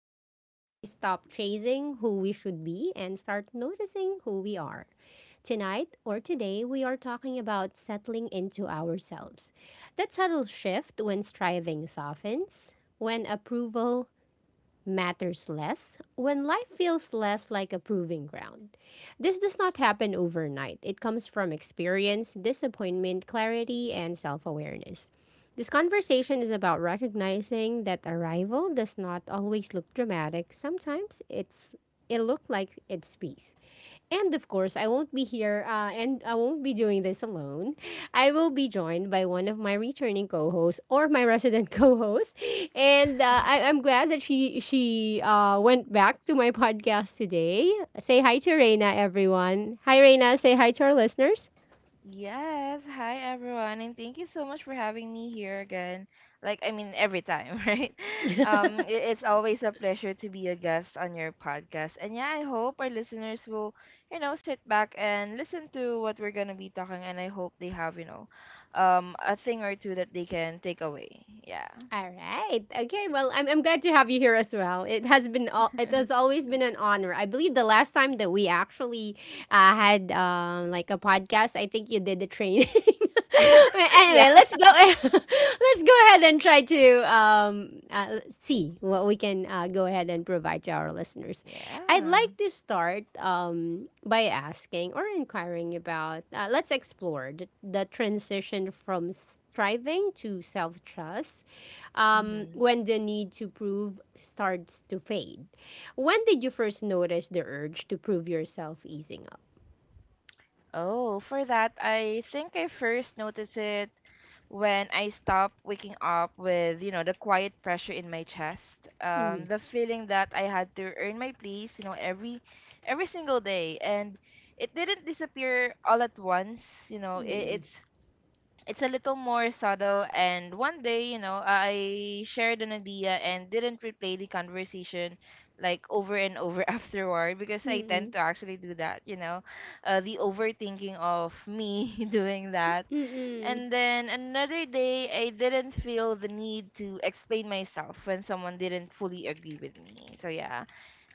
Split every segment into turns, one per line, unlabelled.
This is where we stop chasing who we should be and start noticing who we are. Tonight or today, we are talking about settling into ourselves. That subtle shift when striving softens, when approval matters less when life feels less like a proving ground. This does not happen overnight. It comes from experience, disappointment, clarity, and self awareness. This conversation is about recognizing that arrival does not always look dramatic. Sometimes it's it look like it's peace. And of course, I won't be here and I won't be doing this alone. I will be joined by one of my returning co-hosts or my resident co-host. And I'm glad that she went back to my podcast today. Say hi to Reina, everyone. Hi, Reina. Say hi to our listeners.
Yes, hi everyone, and thank you so much for having me here again. Every time, right? It's always a pleasure to be a guest on your podcast. And yeah, I hope our listeners will, sit back and listen to what we're gonna be talking, and I hope they have, a thing or two that they can take away. Yeah.
All right. Okay. Well, I'm glad to have you here as well. It has been it has always been an honor. I believe the last time that we actually had like a podcast, I think you did the training. But anyway, let's go. Let's go ahead and try to see what we can go ahead and provide to our listeners.
Yeah.
I'd
Yeah.
like to start by asking or inquiring about. Let's explore the transition from striving to self trust when the need to prove starts to fade. When did you first notice the urge to prove yourself easing up?
Oh, for that, I think I first noticed it when I stopped waking up with, you know, the quiet pressure in my chest.
Mm-mm.
The feeling that I had to earn my place, you know, every single day. And it didn't disappear all at once, you know, it, it's it's a little more subtle, and one day, I shared an idea and didn't replay the conversation, like over and over afterward, because I tend
Mm-mm.
to actually do that. The overthinking of me doing that,
Mm-mm.
and then another day I didn't feel the need to explain myself when someone didn't fully agree with me. So yeah,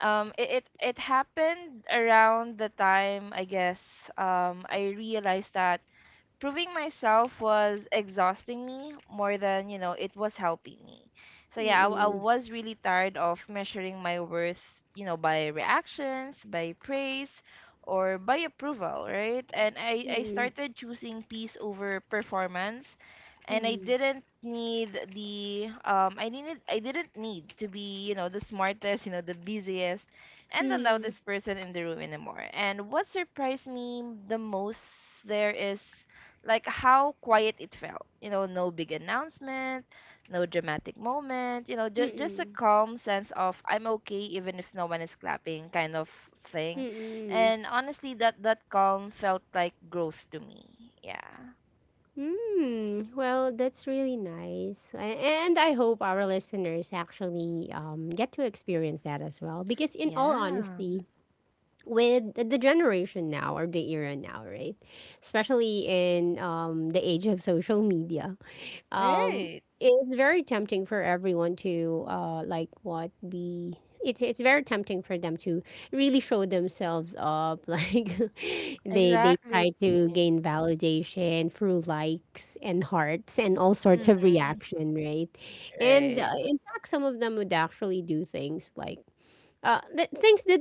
um it, it it happened around the time, I guess, I realized that proving myself was exhausting me more than, it was helping me. So yeah, I
Mm-mm.
was really tired of measuring my worth, by reactions, by praise, or by approval, right? And I
Mm-mm.
started choosing peace over performance. And
Mm-mm.
I didn't need to be, the smartest, the busiest, and the
Mm-mm.
loudest person in the room anymore. And what surprised me the most, there is like how quiet it felt. You know, no big announcement, no dramatic moment, just a calm sense of I'm okay even if no one is clapping, kind of
Mm-mm.
thing.
Mm-mm.
And honestly, that calm felt like growth to me. Yeah.
Mm, well, that's really nice. And
Yeah.
I hope our listeners actually get to experience that as well. Because, in all
Yeah.
honesty, with the generation now or the era now, right? Especially in the age of social media, um,
Right.
it's very tempting for everyone to like what be. It's very tempting for them to really show themselves up. Like they
Exactly.
try to gain validation through likes and hearts and all sorts of
Mhm.
reaction, right? And
Right.
in fact, some of them would actually do things like things that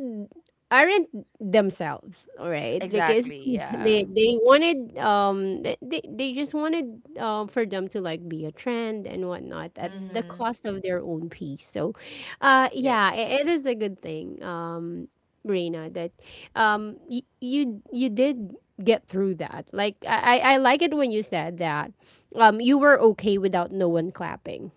aren't themselves all right because
Exactly. Yeah.
they just wanted for them to like be a trend and whatnot at the
Mhm.
cost of their own peace. So yeah,
Yes.
it is a good thing, Reina, that you did get through that. Like I like it when you said that you were okay without no one clapping,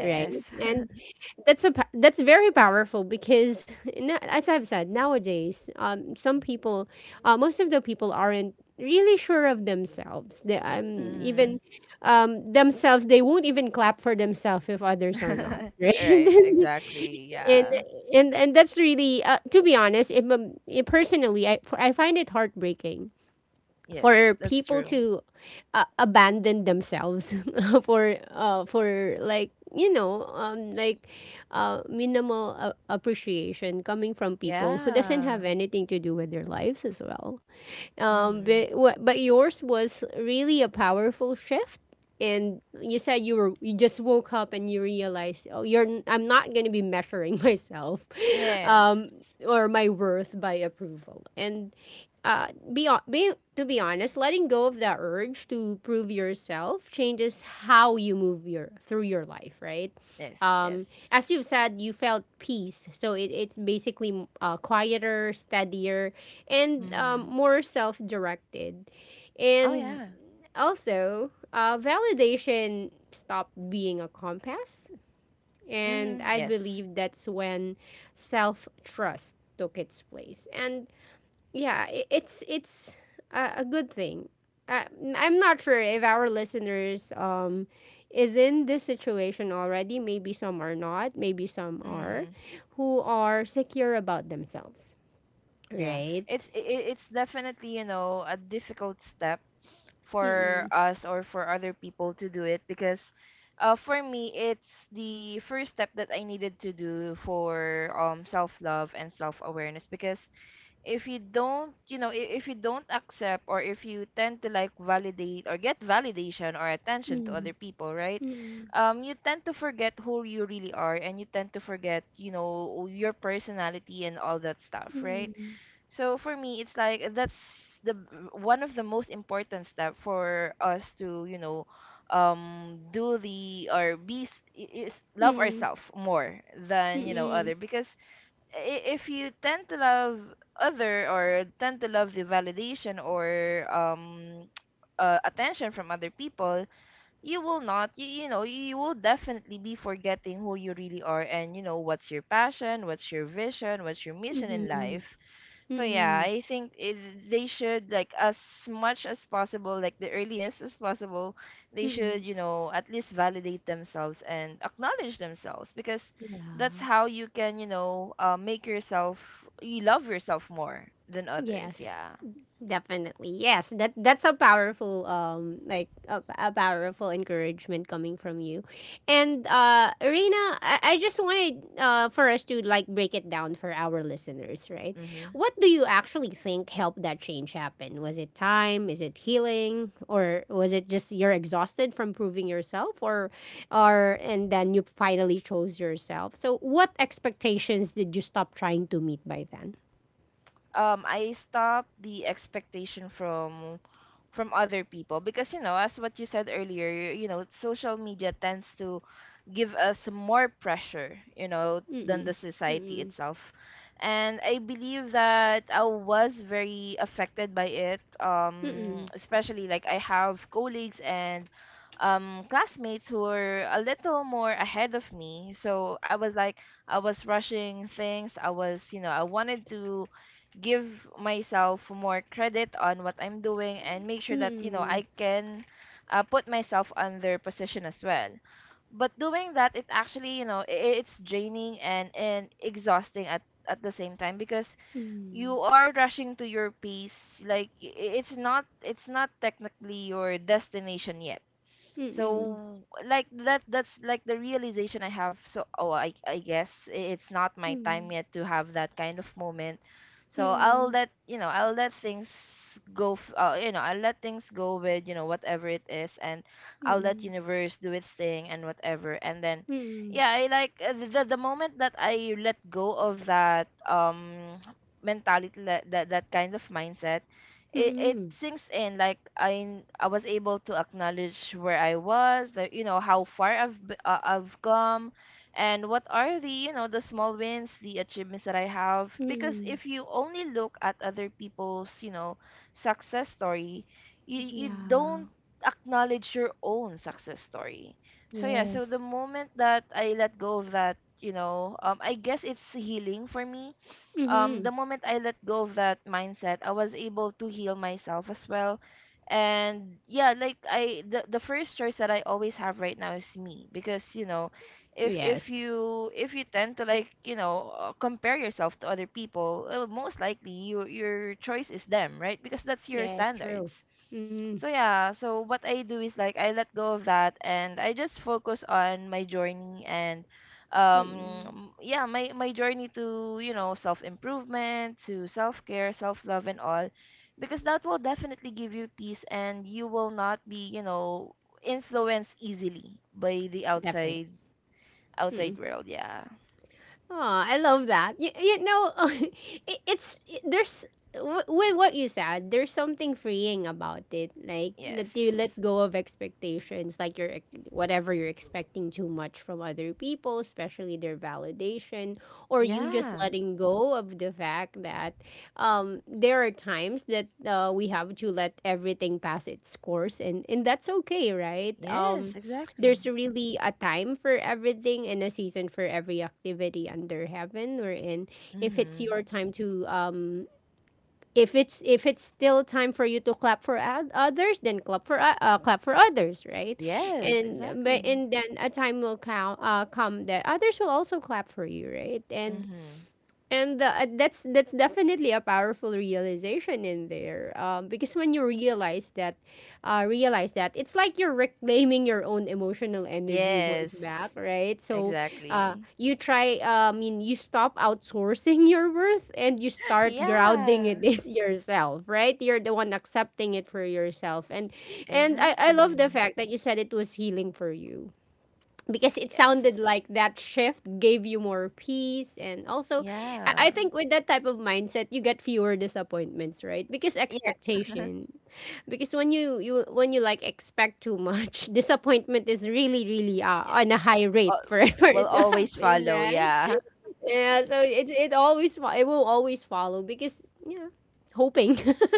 right? And that's a that's very powerful because as I've said nowadays, some people, most of the people aren't really sure of themselves. They,
Mhm.
even themselves, they won't even clap for themselves if others are not, right?
Right. Exactly.
and
Yeah.
and that's really, to be honest, it, it personally, I find it heartbreaking
Yes,
for
that's
people
true.
to abandon themselves for like like minimal appreciation coming from people who doesn't
Yeah.
have anything to do with their lives as well,
Mm-hmm.
but wha- but yours was really a powerful shift, and you said you were you just woke up and you realized oh I'm not gonna be measuring myself,
Yes.
um, or my worth by approval, and uh, be to be honest, letting go of that urge to prove yourself changes how you move your through your life, right?
Yes. Yes.
As you've said, you felt peace, so it's basically quieter, steadier, and
Mm-hmm.
more self directed.
Oh
And
yeah.
also, validation stopped being a compass. And
Mm-hmm.
I
Yes.
believe that's when self trust took its place. And yeah, it's a good thing. I, I'm not sure if our listeners is in this situation already. Maybe some are not. Maybe some are,
Mm.
who are secure about themselves,
Yeah.
right?
It's definitely, you know, a difficult step for
Mm-mm.
us or for other people to do it, because for me it's the first step that I needed to do for self-love and self-awareness. Because if you don't, if you don't accept, or if you tend to like validate or get validation or attention to other people, right,
Mm,
you tend to forget who you really are, and you tend to forget, you know, your personality and all that stuff, right?
mm,
So for me it's like, that's the one of the most important step for us to, you know, do the or be is love
mm,
ourselves more
mm,
than, you know,
mm,
other. Because if you tend to love other, or tend to love the validation, or attention from other people, you will not, you know, you will definitely be forgetting who you really are, and you know, what's your passion, what's your vision, what's your mission
mm,
in
mm,
life. So yeah,
mm,
I think it, they should, like, as much as possible, like the earliest as possible, they should,
mm,
you know, at least validate themselves and acknowledge themselves, because that's
yeah,
how you can, make yourself you love yourself more than others.
yes.
Yeah.
Definitely. Yes, that that's a powerful like a powerful encouragement coming from you. And Rena, I just wanted for us to like break it down for our listeners, right?
Mm-hmm.
What do you actually think helped that change happen? Was it time? Is it healing? Or was it just you're exhausted from proving yourself or and then you finally chose yourself? So what expectations did you stop trying to meet by then?
I stop the expectation from other people, because you know, as what you said earlier, you know, social media tends to give us more pressure, you know,
Mm-mm.
than the
Mm-mm.
society itself. And I believe that I was very affected by it,
Mm-mm.
especially, like, I have colleagues and classmates who were a little more ahead of me. So I was like, I was rushing things, I was, you know, I wanted to give myself more credit on what I'm doing, and make sure that, you know,
Mm-mm.
I can, put myself on their position as well. But doing that, it actually, it's draining and exhausting at the same time, because
Mm-mm.
you are rushing to your pace, like i- it's not technically your destination yet.
Mm-mm.
So that's like the realization I have. So oh, I guess, it's not my time yet to have that kind of moment.
Mm-mm.
So I'll,
Mm-mm.
let you know, I'll let things go you know, I'll let things go with, you know, whatever it is, and I'll let
Mm-mm.
universe do its thing and whatever. And then
Mm-mm.
yeah, I like, the moment that I let go of that, mentality, that kind of mindset, it
Mm-mm.
sinks in. Like, I was able to acknowledge where I was, like, you know, how far I've I've come, and what are the, you know, the small wins, the achievements that I have. Because
Mm-mm.
if you only look at other people's, you know, success story, you
Yeah.
don't acknowledge your own success story. So yeah, so
Yes.
the moment that I let go of that, you know, I guess it's healing for me.
Mm-hmm.
The moment I let go of that mindset, I was able to heal myself as well. And yeah, like I the first choice that I always have right now is me. Because you know, if
Yes.
if you tend to, like, you know, compare yourself to other people, most likely your choice is them, right? Because that's your
Yes,
standards.
true. Mm-hmm.
So yeah, so what I do is like, I let go of that, and I just focus on my journey, and
Mm-mm.
yeah, my journey to, you know, self-improvement, to self-care, self-love and all, because that will definitely give you peace, and you will not be, you know, influenced easily by the
Definitely.
outside world. Yeah.
Oh, I love that. You know, there's with what you said. There's something freeing about it, like
Yes.
that you let go of expectations, like whatever you're expecting too much from other people, especially their validation, or you just
Yeah.
letting go of the fact that there are times that we have to let everything pass its course, and that's okay, right?
Yes, exactly.
There's really a time for everything and a season for every activity under heaven or in if it's
Mhm.
your time to if it's still time for you to clap for others, then clap for clap for others, right?
Yes,
And but
exactly.
and then a time will come that others will also clap for you, right? And
Mhm.
that's definitely a powerful realization in there, because when you realize that it's like you're reclaiming your own emotional energy once
Yes.
back, right? So,
Exactly.
you try. I mean, you stop outsourcing your worth and you start grounding
Yeah,
it in yourself, right? You're the one accepting it for yourself, and I love the
exactly.
fact that you said it was healing for you because it
Yes.
sounded like that shift gave you more peace. And also,
Yeah.
I think with that type of mindset you get fewer disappointments, right? Because
Yes.
expectation because when you when you like expect too much disappointment is really really
Yes.
on a high
Uh,
rate for for
will
it to
always
happen,
follow.
right?
Yeah.
Yeah, so it will always follow because yeah, hoping,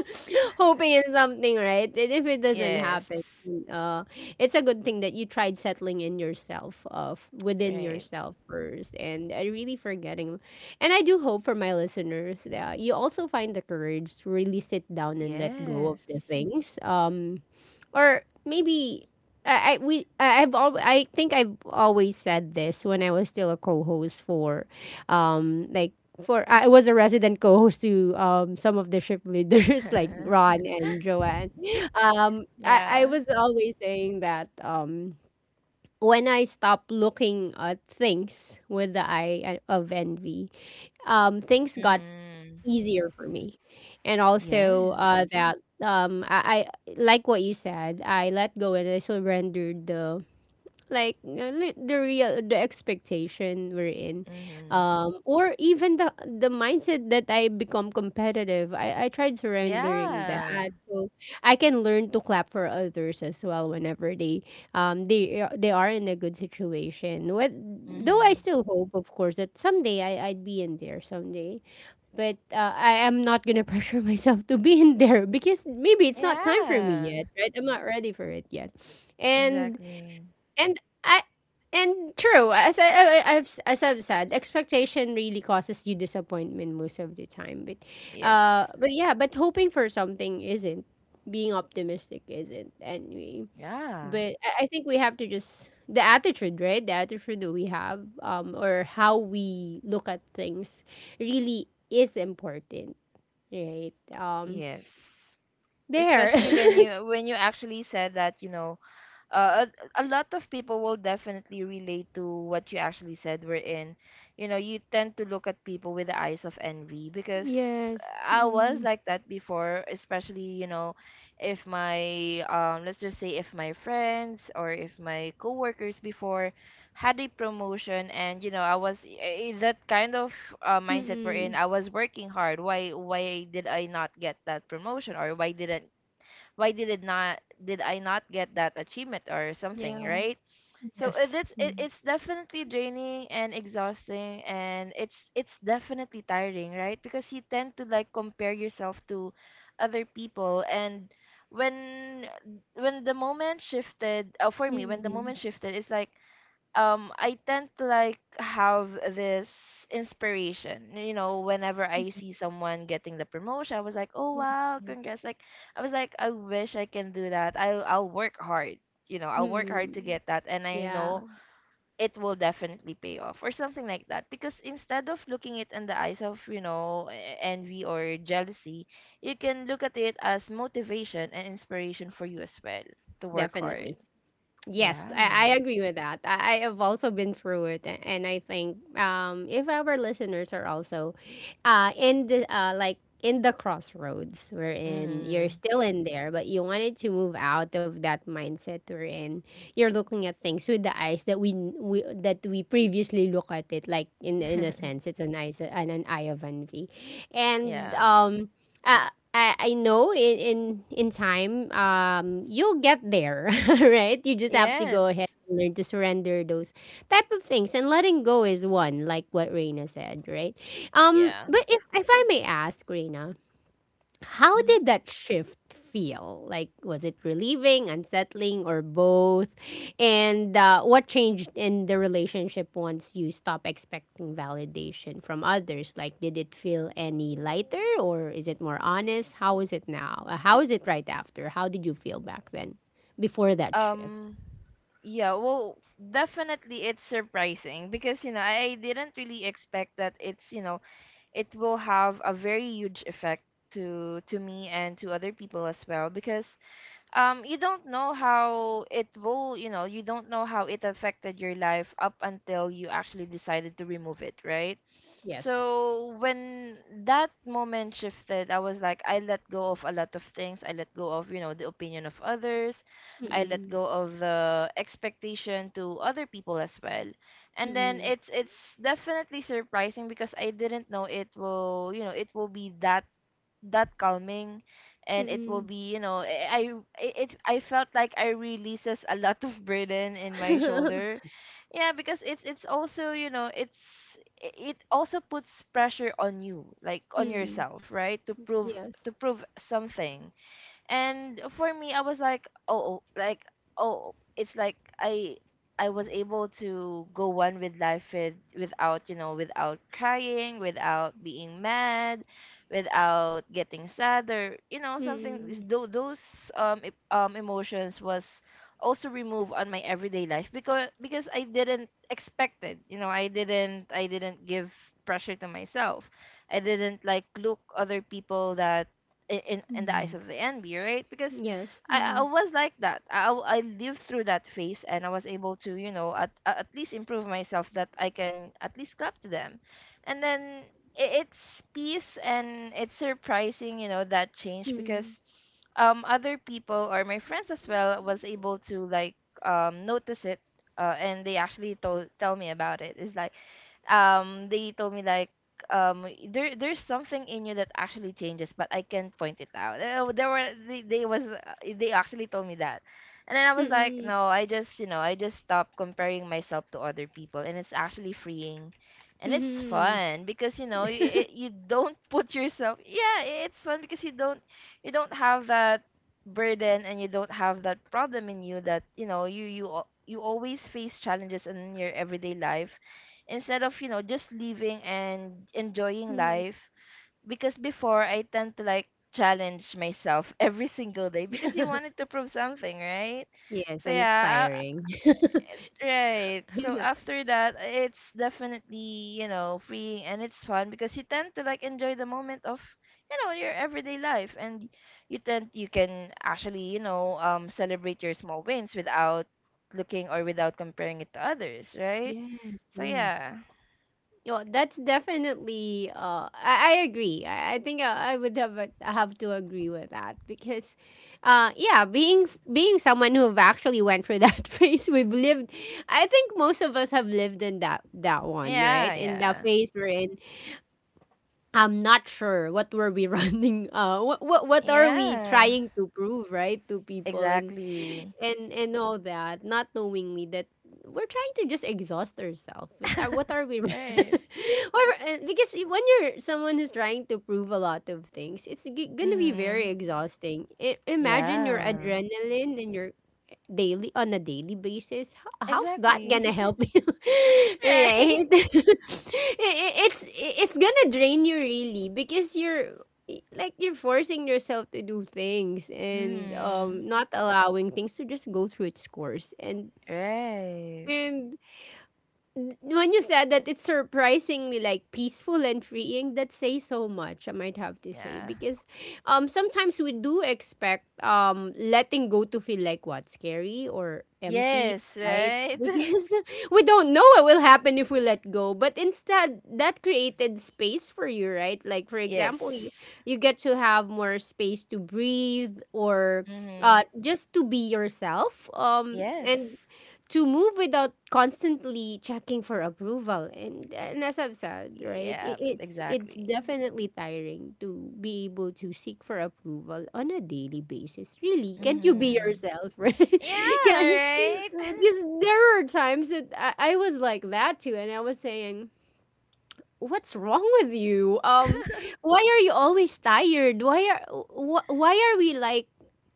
hoping in something, right? And if it doesn't
Yes.
happen, uh, it's a good thing that you tried settling in yourself, within
Right.
yourself first, and really forgetting. And I do hope for my listeners that you also find the courage to really sit down and let go of
Yes.
the things, or maybe I think I've always said this when I was still a co-host for, like for I was a resident co-host to some of the ship leaders like Ron and Joanne. I
Yeah.
was always saying that when I stop looking at things with the of envy, things got
Mhm.
easier for me. And also
Yes.
that I like what you said. I let go and I surrendered the like the real the expectation we're in,
Mhm.
or even the mindset that I become competitive. I tried surrendering
Yeah.
that, so I can learn to clap for others as well whenever they they are in a good situation. What though I
Mhm.
still hope, of course, that someday I'd be in there someday, but I am not gonna pressure myself to be in there because maybe it's not time for me
Yeah.
yet, right? I'm not ready for it yet, and
Exactly.
and I and true, as I- have as I've said, expectation really causes you disappointment most of the time. But
Yes.
yeah, but hoping for something isn't being optimistic isn't and
Yeah.
but I think we have to just the attitude, right? The attitude that we have, or how we look at things, really is important, right?
Yes.
There.
Especially when you actually said that, you know, uh, a lot of people will definitely relate to what you actually said. We're in, you know, you tend to look at people with the eyes of envy. Because
Yes.
I was
Mm.
like that before, especially, you know, if my let's just say if my friends or if my coworkers before had a promotion, and you know, that kind of mindset we're in,
Mm-mm.
I was working hard. Why did I not get that promotion, or why didn't why did it not did I not get that achievement or something,
Yeah.
right? So
Yes.
that's it,
Mm.
it's definitely draining and exhausting, and it's definitely tiring, right? Because you tend to, like, compare yourself to other people, and when the moment shifted,
Mm-mm.
it's like, I tend to, like, have this inspiration. You know, whenever I see someone getting the promotion, I was like, "Oh
Yes.
wow, congrats." Like I was like, "I wish I can do that. I'll work hard." You know, I'll work hard to
Mm.
get that, and I
Yeah.
know it will definitely pay off or something like that. Because instead of looking it in the eyes of, you know, envy or jealousy, you can look at it as motivation and inspiration for you as well to work hard.
Definitely. Yes,
Yeah.
I agree with that. I have also been through it, and I think if our listeners are also in the like in the crossroads we're in, you're
Mm.
still in there, but you wanted to move out of that mindset we're in. You're looking at things with the eyes that we that we previously look at it like in a sense, it's an eyes and an eye of envy, and
Yeah.
um. uh, I know in time you'll get there. Right, you just have to go
Yes.
ahead and learn to surrender those type of things and letting go is one like what Reina said, right?
Yeah.
But if I may ask Reina, how
Hmm.
did that shift feel? Like, was it relieving, unsettling, or both? And what changed in the relationship once you stop expecting validation from others? Like, did it feel any lighter, or is it more honest? How is it now? How is it right after? How did you feel back then, before that shift?
Um yeah, well, definitely it's surprising, because you know, I didn't really expect that it's, you know, it will have a very huge effect to me and to other people as well. Because you don't know how it will, you know, you don't know how it affected your life up until you actually decided to remove it, right?
Yes.
So when that moment shifted, I was like, I let go of a lot of things. I let go of, you know, the opinion of others. I let
Mm-mm.
go of the expectation to other people as well. And then
Mm-mm.
it's definitely surprising because I didn't know it will, it will be that calming and it will
Mm-mm.
be you know I eh, it I felt like I releases a lot of burden in my shoulder. Yeah, because it's also, you know, it's it also puts pressure on you, like on
Mm.
yourself, right?
Yes.
To prove something. And for me, I was like, "Oh, oh," like, oh, it's like I I was able to go one with life with, without, without crying, without being mad, without getting sad, or, you know, something.
Mm.
Those emotions was also removed on my everyday life, because I didn't expect it. You know, I didn't give pressure to myself. I didn't like look other people that in the eyes
Mm.
of the envy, right? Because
Yes. Mm-hmm.
I
Mm-mm.
was like that. I lived through that phase, and I was able to, you know, at least improve myself, that I can at least clap to them, and then it's peace and it's surprising, you know, that change. Because
Mm.
other people or my friends as well was able to like notice it, and they actually told tell me about it. It's like they told me like, There's something in you that actually changes, but I can't point it out." There were they was they actually told me that. And then I
Mm,
was like, "No,
mm.
I just, you know, I just stopped comparing myself to other people," and it's actually freeing. And it's
Mhm.
fun, because, you know, you don't put yourself. Yeah, it's fun because you don't, you don't have that burden, and you don't have that problem in you that, you know, you always face challenges in your everyday life instead of, you know, just living and enjoying
Mm.
life. Because before, I tend to like challenge myself every single day, because you wanted to prove something, right?
Yes,
So
and it's
yeah,
tiring.
right, so after that, it's definitely, you know, freeing, and it's fun, because you tend to like enjoy the moment of, you know, your everyday life. And you tend you can actually, you know, celebrate your small wins without looking or without comparing it to others, right?
Yes,
So
yes.
yeah.
Well, that's definitely. I agree. I think I would have to agree with that, because yeah, being someone who've actually went through that phase, we've lived. I think most of us have lived in that one,
Yeah,
right? In that
yeah.
phase we're in, I'm not sure what were we running. What are we
Yeah.
trying to prove, right, to people? and.
Exactly.
and and all that, not knowingly that we're trying to just exhaust ourselves. What are we? or
Right.
Because when you're someone who's trying to prove a lot of things, it's gonna be very
Mm.
exhausting. Imagine your
Yeah.
adrenaline and your daily, on a daily basis, how's that
Exactly.
gonna help you?
Right.
Right. It's gonna drain you, really, because you're like, you're forcing yourself to do things and
Mm.
not allowing things to just go through its course. and
Right.
and when you said that it's surprisingly like peaceful and freeing, that says so much, I might have to say,
Yeah.
because sometimes we do expect letting go to feel like, what, scary or empty,
Yes,
right?
right?
Because we don't know what will happen if we let go, but instead, that created space for you, right? Like, for example, you
Yes.
you get to have more space to breathe, or
Mm.
just to be yourself,
Yes.
and to move without constantly checking for approval. And as I've said, right, i-
Yep,
it's it's
exactly.
definitely tiring to be able to seek for approval on a daily basis. Really, can't you be
Mm.
yourself? Right?
Yeah,
Can?
right?
Because there were times that I was like that too, and I was saying, what's wrong with you? Why are you always tired? Why are we like,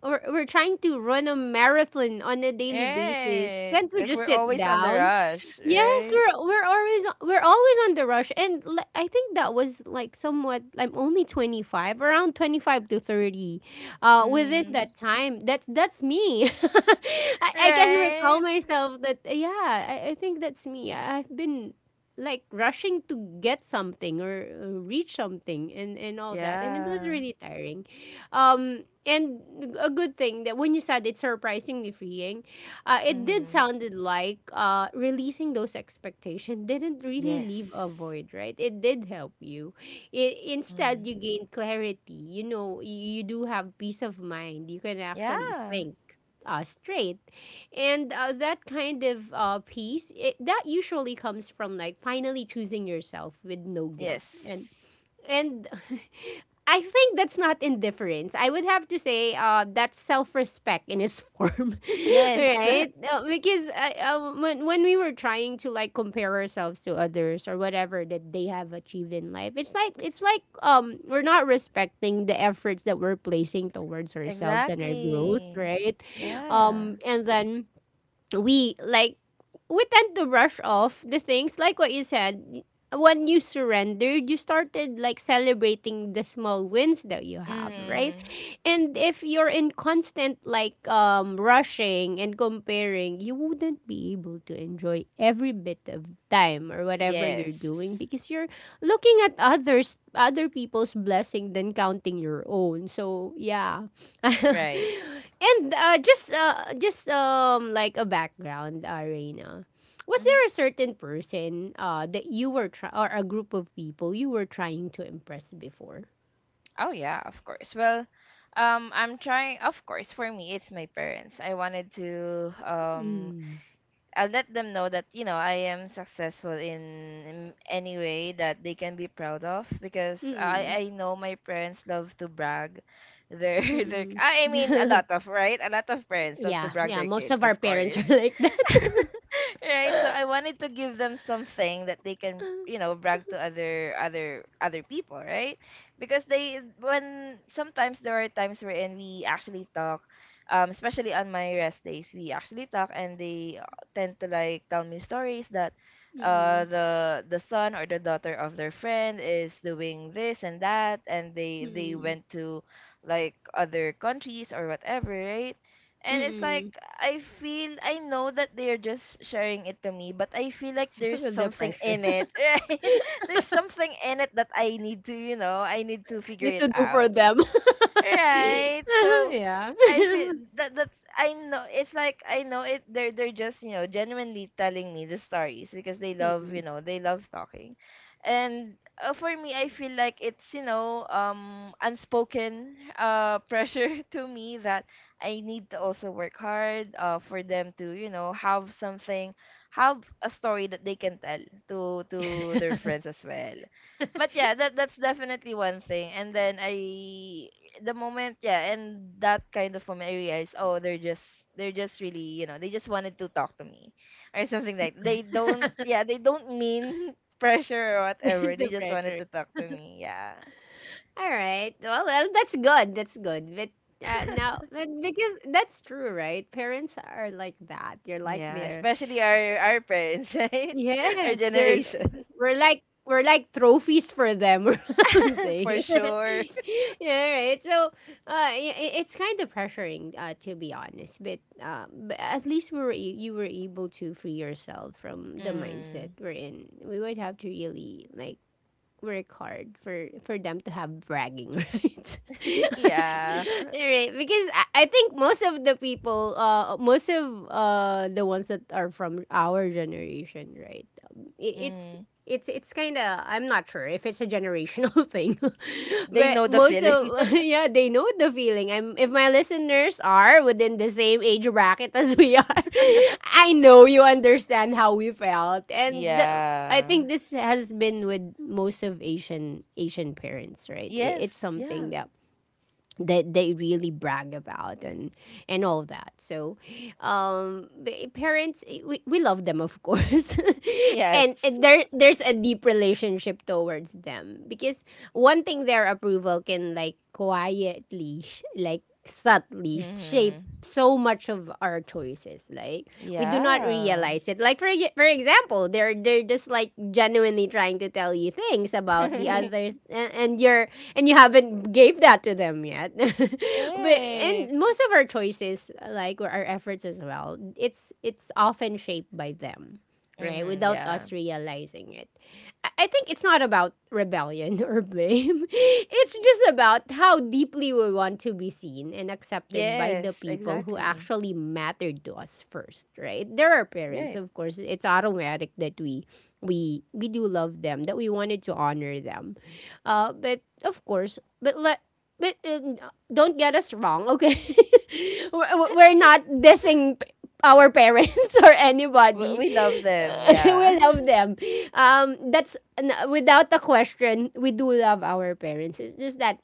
we're trying to run a marathon on a daily basis?
Right.
Can't we
Like
just
we're
sit
always on the
down?
rush,
Yes,
right?
we're always on the rush, and I think that was like, somewhat, I'm only 25, around 25 to 30. Within
Mm.
that time, that's me. I can recall
Right.
myself that, yeah, I think that's me. I've been like rushing to get something, or reach something, and all that, and it was
Yeah.
really tiring, and a good thing that when you said it's surprisingly freeing, it did
Mm-hmm.
sounded like releasing those expectations didn't really
Yes.
leave a void, right? It did help you. Instead,
Mm.
you gain clarity. You know, you do have peace of mind. You can actually
Yeah.
think straight. And that kind of peace, that usually comes from like finally choosing yourself with no
Yes.
guilt. And I think that's not indifference, I would have to say. That's self-respect in its form.
Yes.
Right? Because when we were trying to like compare ourselves to others, or whatever that they have achieved in life, it's like we're not respecting the efforts that we're placing towards ourselves and our growth,
Exactly.
right?
Yeah.
And then we we tend to brush off the things, like what you said, when you surrendered, you started like celebrating the small wins that you have, right?
Mm.
And if you're in constant like rushing and comparing, you wouldn't be able to enjoy every bit of time or whatever you're
Yes.
doing, because you're looking at others, other people's blessing, than counting your own, so yeah.
Right.
And just like a background, Reina. Was
Mm-hmm.
there a certain person that you were or a group of people you were trying to impress before?
Oh yeah, of course. Well, I'm trying. Of course, for me, it's my parents. I wanted to
Mm.
I'll let them know that, you know, I am successful in any way that they can be proud of, because I
Mm-mm.
I know my parents love to brag their their
Mm-mm.
I mean a lot of, right, a lot of parents love
Yeah,
to brag
yeah.
their
Most
kids,
of our
of
parents are
course.
like that.
Right, so I wanted to give them something that they can, you know, brag to other other people, right? Because they, when sometimes there are times wherein we actually talk, especially on my rest days, we actually talk, and they tend to like tell me stories that
Mm-mm.
the son or the daughter of their friend is doing this and that, and they
Mm-mm.
went to like other countries or whatever, right? And it's like,
Mm-mm.
I feel, I know that they're just sharing it to me, but I feel like
I
there's
feel the
something
pressure.
in it, right? There's something in it that I need to, you know, I need to figure
Need to
it
do for
out,
them.
right? So
Yeah.
I feel that that's I know it's like, I know it, they're just, you know, genuinely telling me the stories because they love, you
Mm-mm.
know, they love talking. And for me, I feel like it's, you know, unspoken pressure to me, that I need to also work hard for them to, you know, have something, have a story that they can tell to their friends as well. But yeah, that's definitely one thing. And then I the moment, yeah, and that kind of moment, I realized, oh, they're just, really, you know, they just wanted to talk to me or something. Like they don't, yeah, they don't mean pressure or whatever, they
The
just wanted
pressure.
to talk to me, yeah.
All right. Well, well, that's good. That's good. But now, but because that's true, right? Parents are like that. You're like,
Yeah,
they're,
especially our parents, right? Our
yes, they're,
generation.
we're like, trophies for them or something.
For sure.
Yeah, all right. So, it's kind of pressuring, to be honest. But at least we were you were able to free yourself from the mindset
Mm.
we're in. We would have to really like work hard for them to have bragging rights.
Yeah.
Right, because I think most of the people, most of the ones that are from our generation, right, i- it's
Mm.
it's it's kind of, I'm not sure if it's a generational thing,
They
but
know the
most
feeling.
of, yeah, they know the feeling. I'm If my listeners are within the same age bracket as we are, I know you understand how we felt. And I
Yeah.
think this has been with most of Asian parents, right? It, it's
Yes.
something
Yeah.
that that they really brag about, and all that. So parents, we love them, of course,
Yes.
and, there there's a deep relationship towards them, because one thing, their approval can like quietly like subtly shape
Hmm.
so much of our choices, like, we do not
Yeah.
realize it. Like, for for example, they're just like genuinely trying to tell you things about the others, and you're, and you haven't gave that to them yet. but
Right.
and most of our choices, like, or our efforts as well, it's often shaped by them, right,
Mm-hmm,
without
yeah.
us realizing it. I think it's not about rebellion or blame. It's just about how deeply we want to be seen and accepted by the
Yes,
people who
exactly.
actually mattered to us first, right? There are parents,
Right.
of course. It's automatic that we do love them, that we wanted to honor them. But of course, but let but don't get us wrong, okay? We're not dissing our parents or anybody.
We love them, yeah.
We love them, without a question, we do love our parents. It's just that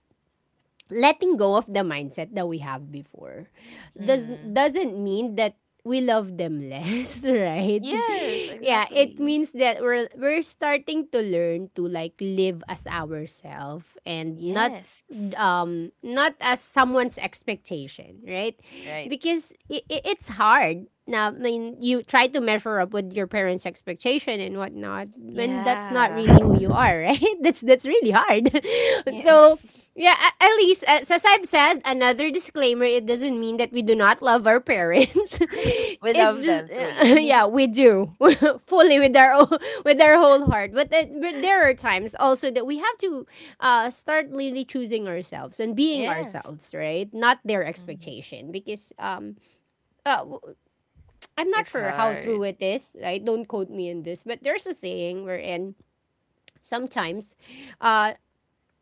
letting go of the mindset that we have before does
Mm-hmm.
doesn't mean that we love them less, right?
Yes,
Yeah, it
exactly.
means that we're starting to learn to like live as ourselves, and not
Yes.
not as someone's expectation, right?
Right.
Because it's hard. Now, I mean, you try to measure up with your parents' expectation and whatnot, when that's not
Yeah.
really who you are, right? That's really hard.
Yes.
So, yeah, a- at least, as I've said, another disclaimer, it doesn't mean that we do not love our parents.
We
It's
love
just,
them
yeah,
truly.
we do, fully, with our own, with our whole heart. But, but there are times also that we have to start really choosing ourselves and being
Yes.
ourselves, right? Not their
Mm-hmm.
expectation, because uh, w- I'm not
It's
sure how true
hard.
it is, right? Don't quote me in this, but there's a saying wherein sometimes uh,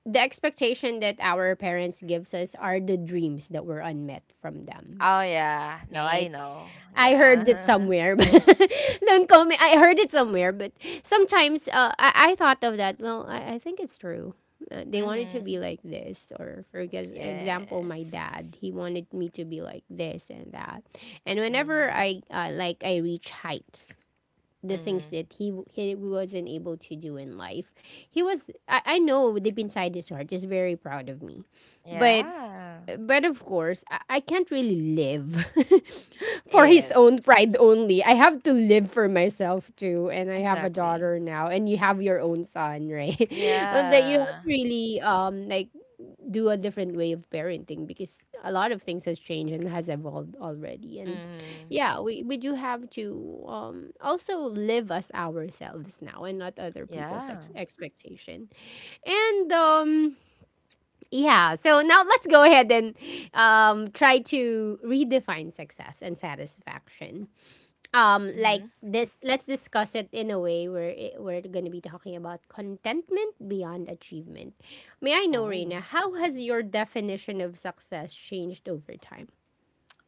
the expectation that our parents gives us are the dreams that were unmet from them,
Oh yeah. No, I
right?
know.
I heard it
Yeah.
somewhere. Don't call me, I heard it somewhere, but sometimes, I thought of that, well, I think it's true. They wanted to be
Mhm.
like this, or for example,
Yes.
my dad, he wanted me to be like this and that, and whenever
Mhm.
I like, I reach heights, the things
Mhm.
that he wasn't able to do in life. He was, I know deep inside his heart is very proud of me. But,
Yeah.
of course, I can't really live for his
Yes.
own pride only. I have to live for myself too. And I have a
Exactly.
daughter now, and you have your own son, right? And that, you have
Yeah.
to really like do a different way of parenting, because a lot of things has changed and has evolved already. And
Mhm.
yeah, we do have to also live as ourselves now, and not other people's
Yeah.
expectation. And yeah, so now let's go ahead and try to redefine success and satisfaction, like
Mhm.
this. Let's discuss it in a way where it, we're going to be talking about contentment beyond achievement. May I know, Reina,
Oh.
how has your definition of success changed over time?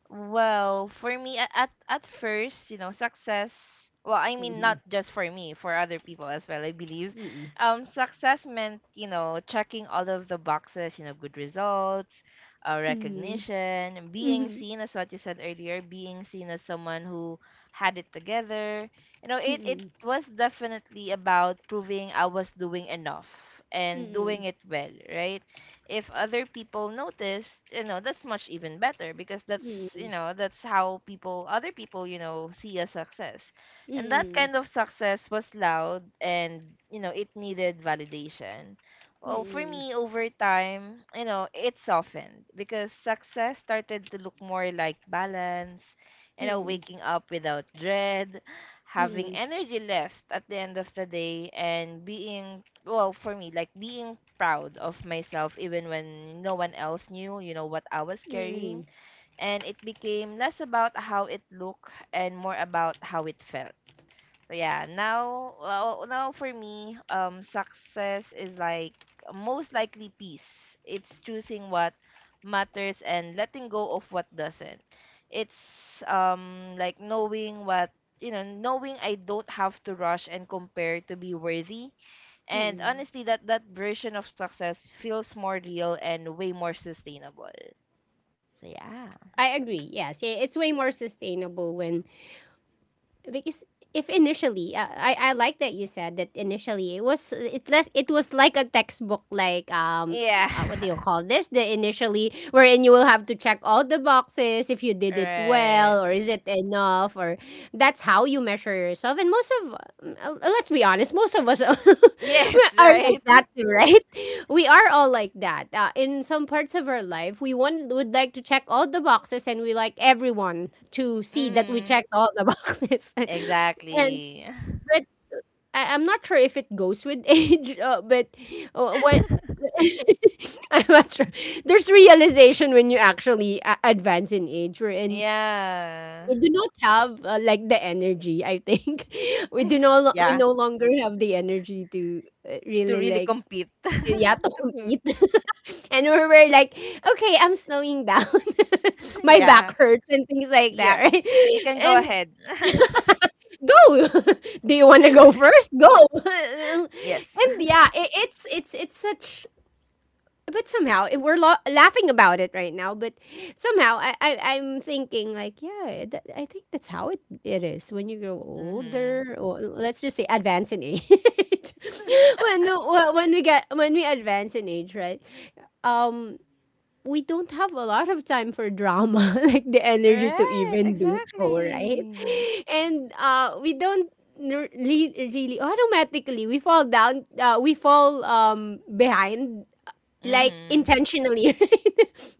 Well, for me at first, you know, success, well, I mean not just for me, for other people as well, I believe.
Mm-mm.
Success meant, you know, checking all of the boxes, you know, good results,
Mm-mm.
recognition, being seen as what you said earlier, being seen as someone who had it together. You know, it
Mm-mm.
was definitely about proving I was doing enough and doing
Mm-mm.
it well, right? If other people notice, you know, that's much even better, because that's, you
Mm-mm.
know, that's how people other people, you know, see a success.
Mm-mm.
And that
Mm-mm. Mm-mm.
kind of success was loud and, you know, it needed validation. Well, for
Mm-mm.
me, over time, you know, it softened, because success started to look more like balance. You know, waking up without dread, having
Mm-mm.
energy left at the end of the day, and being, well for me, like being proud of myself even when no one else knew, you know, what I was carrying.
Mm-mm.
And it became less about how it looked and more about how it felt. So yeah, now, well, now for me, success is like most likely peace. It's choosing what matters and letting go of what doesn't. It's like knowing what, you know, knowing I don't have to rush and compare to be worthy. And
Mm-mm.
honestly, that version of success feels more real and way more sustainable. So
I
yeah,
agree. Yes, it's way more sustainable when because if initially I like that you said that initially it was it was like a textbook like um
yeah,
uh, what do you call this, the initially wherein you will have to check all the boxes if you did it well
right.
or is it enough or that's how you measure yourself. And most of let's be honest, most of us are
Yes,
like
right.
that too, right? We are all like that. In some parts of our life, we want would like to check all the boxes, and we like everyone to see that we
Mm,
checked all the boxes. and
exactly.
but I'm not sure if it goes with age. But what I'm not sure. There's realization when you actually advance in age. We're in.
Yeah.
We do not have like the energy. I think we do no lo- we
Yeah,
no longer have the energy to
to
really
really
like
compete.
yeah, to compete. And we were like, okay, I'm slowing down. My
Yeah.
back hurts and things like
Yes.
that, right?
You can go
And
ahead.
go. Do you want to go first? Go. and
Yes.
yeah, it, it's such, but somehow we're laughing about it right now. But somehow I'm thinking like, yeah, I think that's how it is when you grow
Mm-hmm.
older, or let's just say advance in age. When we advance in age, right? um we don't have a lot of time for drama, like the energy to
Right,
even do so, right?
exactly.
And we don't really, really automatically we fall down. We fall behind like
Mm-hmm.
intentionally, right?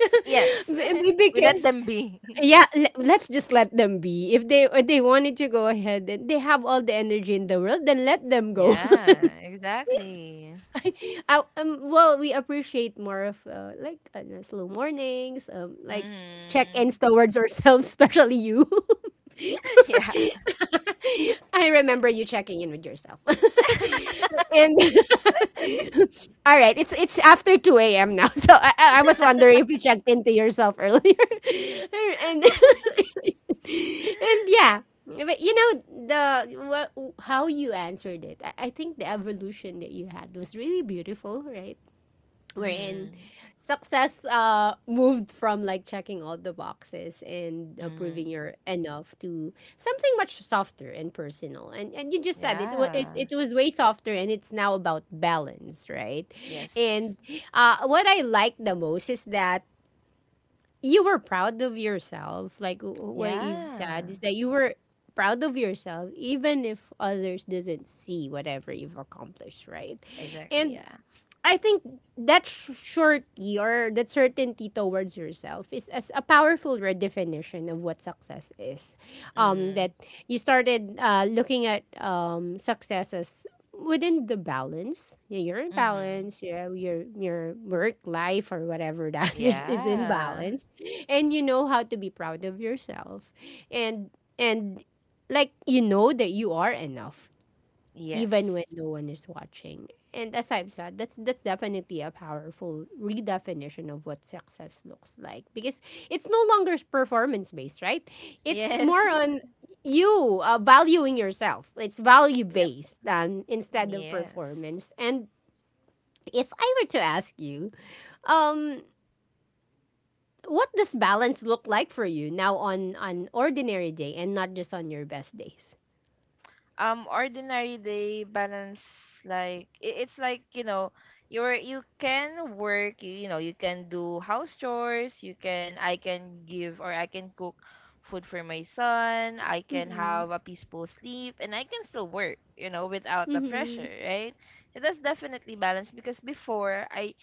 Yes.
Be- be-
We let
because
them be.
yeah, let's just let them be. If they wanted to go ahead and they have all the energy in the world, then let them go.
Yeah, exactly.
Well, we appreciate more of like slow mornings, like
Mm-hmm.
check-ins towards ourselves, especially you.
Yeah.
I remember you checking in with yourself. and all right, it's after 2 a.m. now. So I was wondering if you checked into yourself earlier. and and yeah. But you know the what, how you answered it. I think the evolution that you had was really beautiful, right? Wherein
Mm-hmm.
success moved from like checking all the boxes and proving
Mm-hmm.
you're enough to something much softer and personal, and you just said it was,
Yeah.
it was way softer and it's now about balance, right?
Yes.
And what I like the most is that you were proud of yourself, like what you've said
Yeah.
is that you were proud of yourself even if others doesn't see whatever you've accomplished, right?
Exactly.
And
Yeah.
I think that surety or that certainty towards yourself is as a powerful redefinition of what success is.
Mm-hmm.
That you started looking at success as within the balance. Yeah, you're in
Mm-hmm.
balance. Yeah, your work life or whatever that is in
Yeah.
balance, and you know how to be proud of yourself, and and like you know that you are enough
Yes.
even when no one is watching. And as I've said, that's definitely a powerful redefinition of what success looks like, because it's no longer performance based, right? It's
Yes.
more on you valuing yourself. It's value
Yep.
based, instead of
Yes.
performance. And if I were to ask you, um, what does balance look like for you now on an ordinary day and not just on your best days?
Ordinary day balance, like it's like, you know, you can work, you know, you can do house chores, you can, I can give or I can cook food for my son, I can
Mm-mm.
have a peaceful sleep, and I can still work, you know, without the pressure,
Mm-hmm.
right? So that's definitely balance, because before I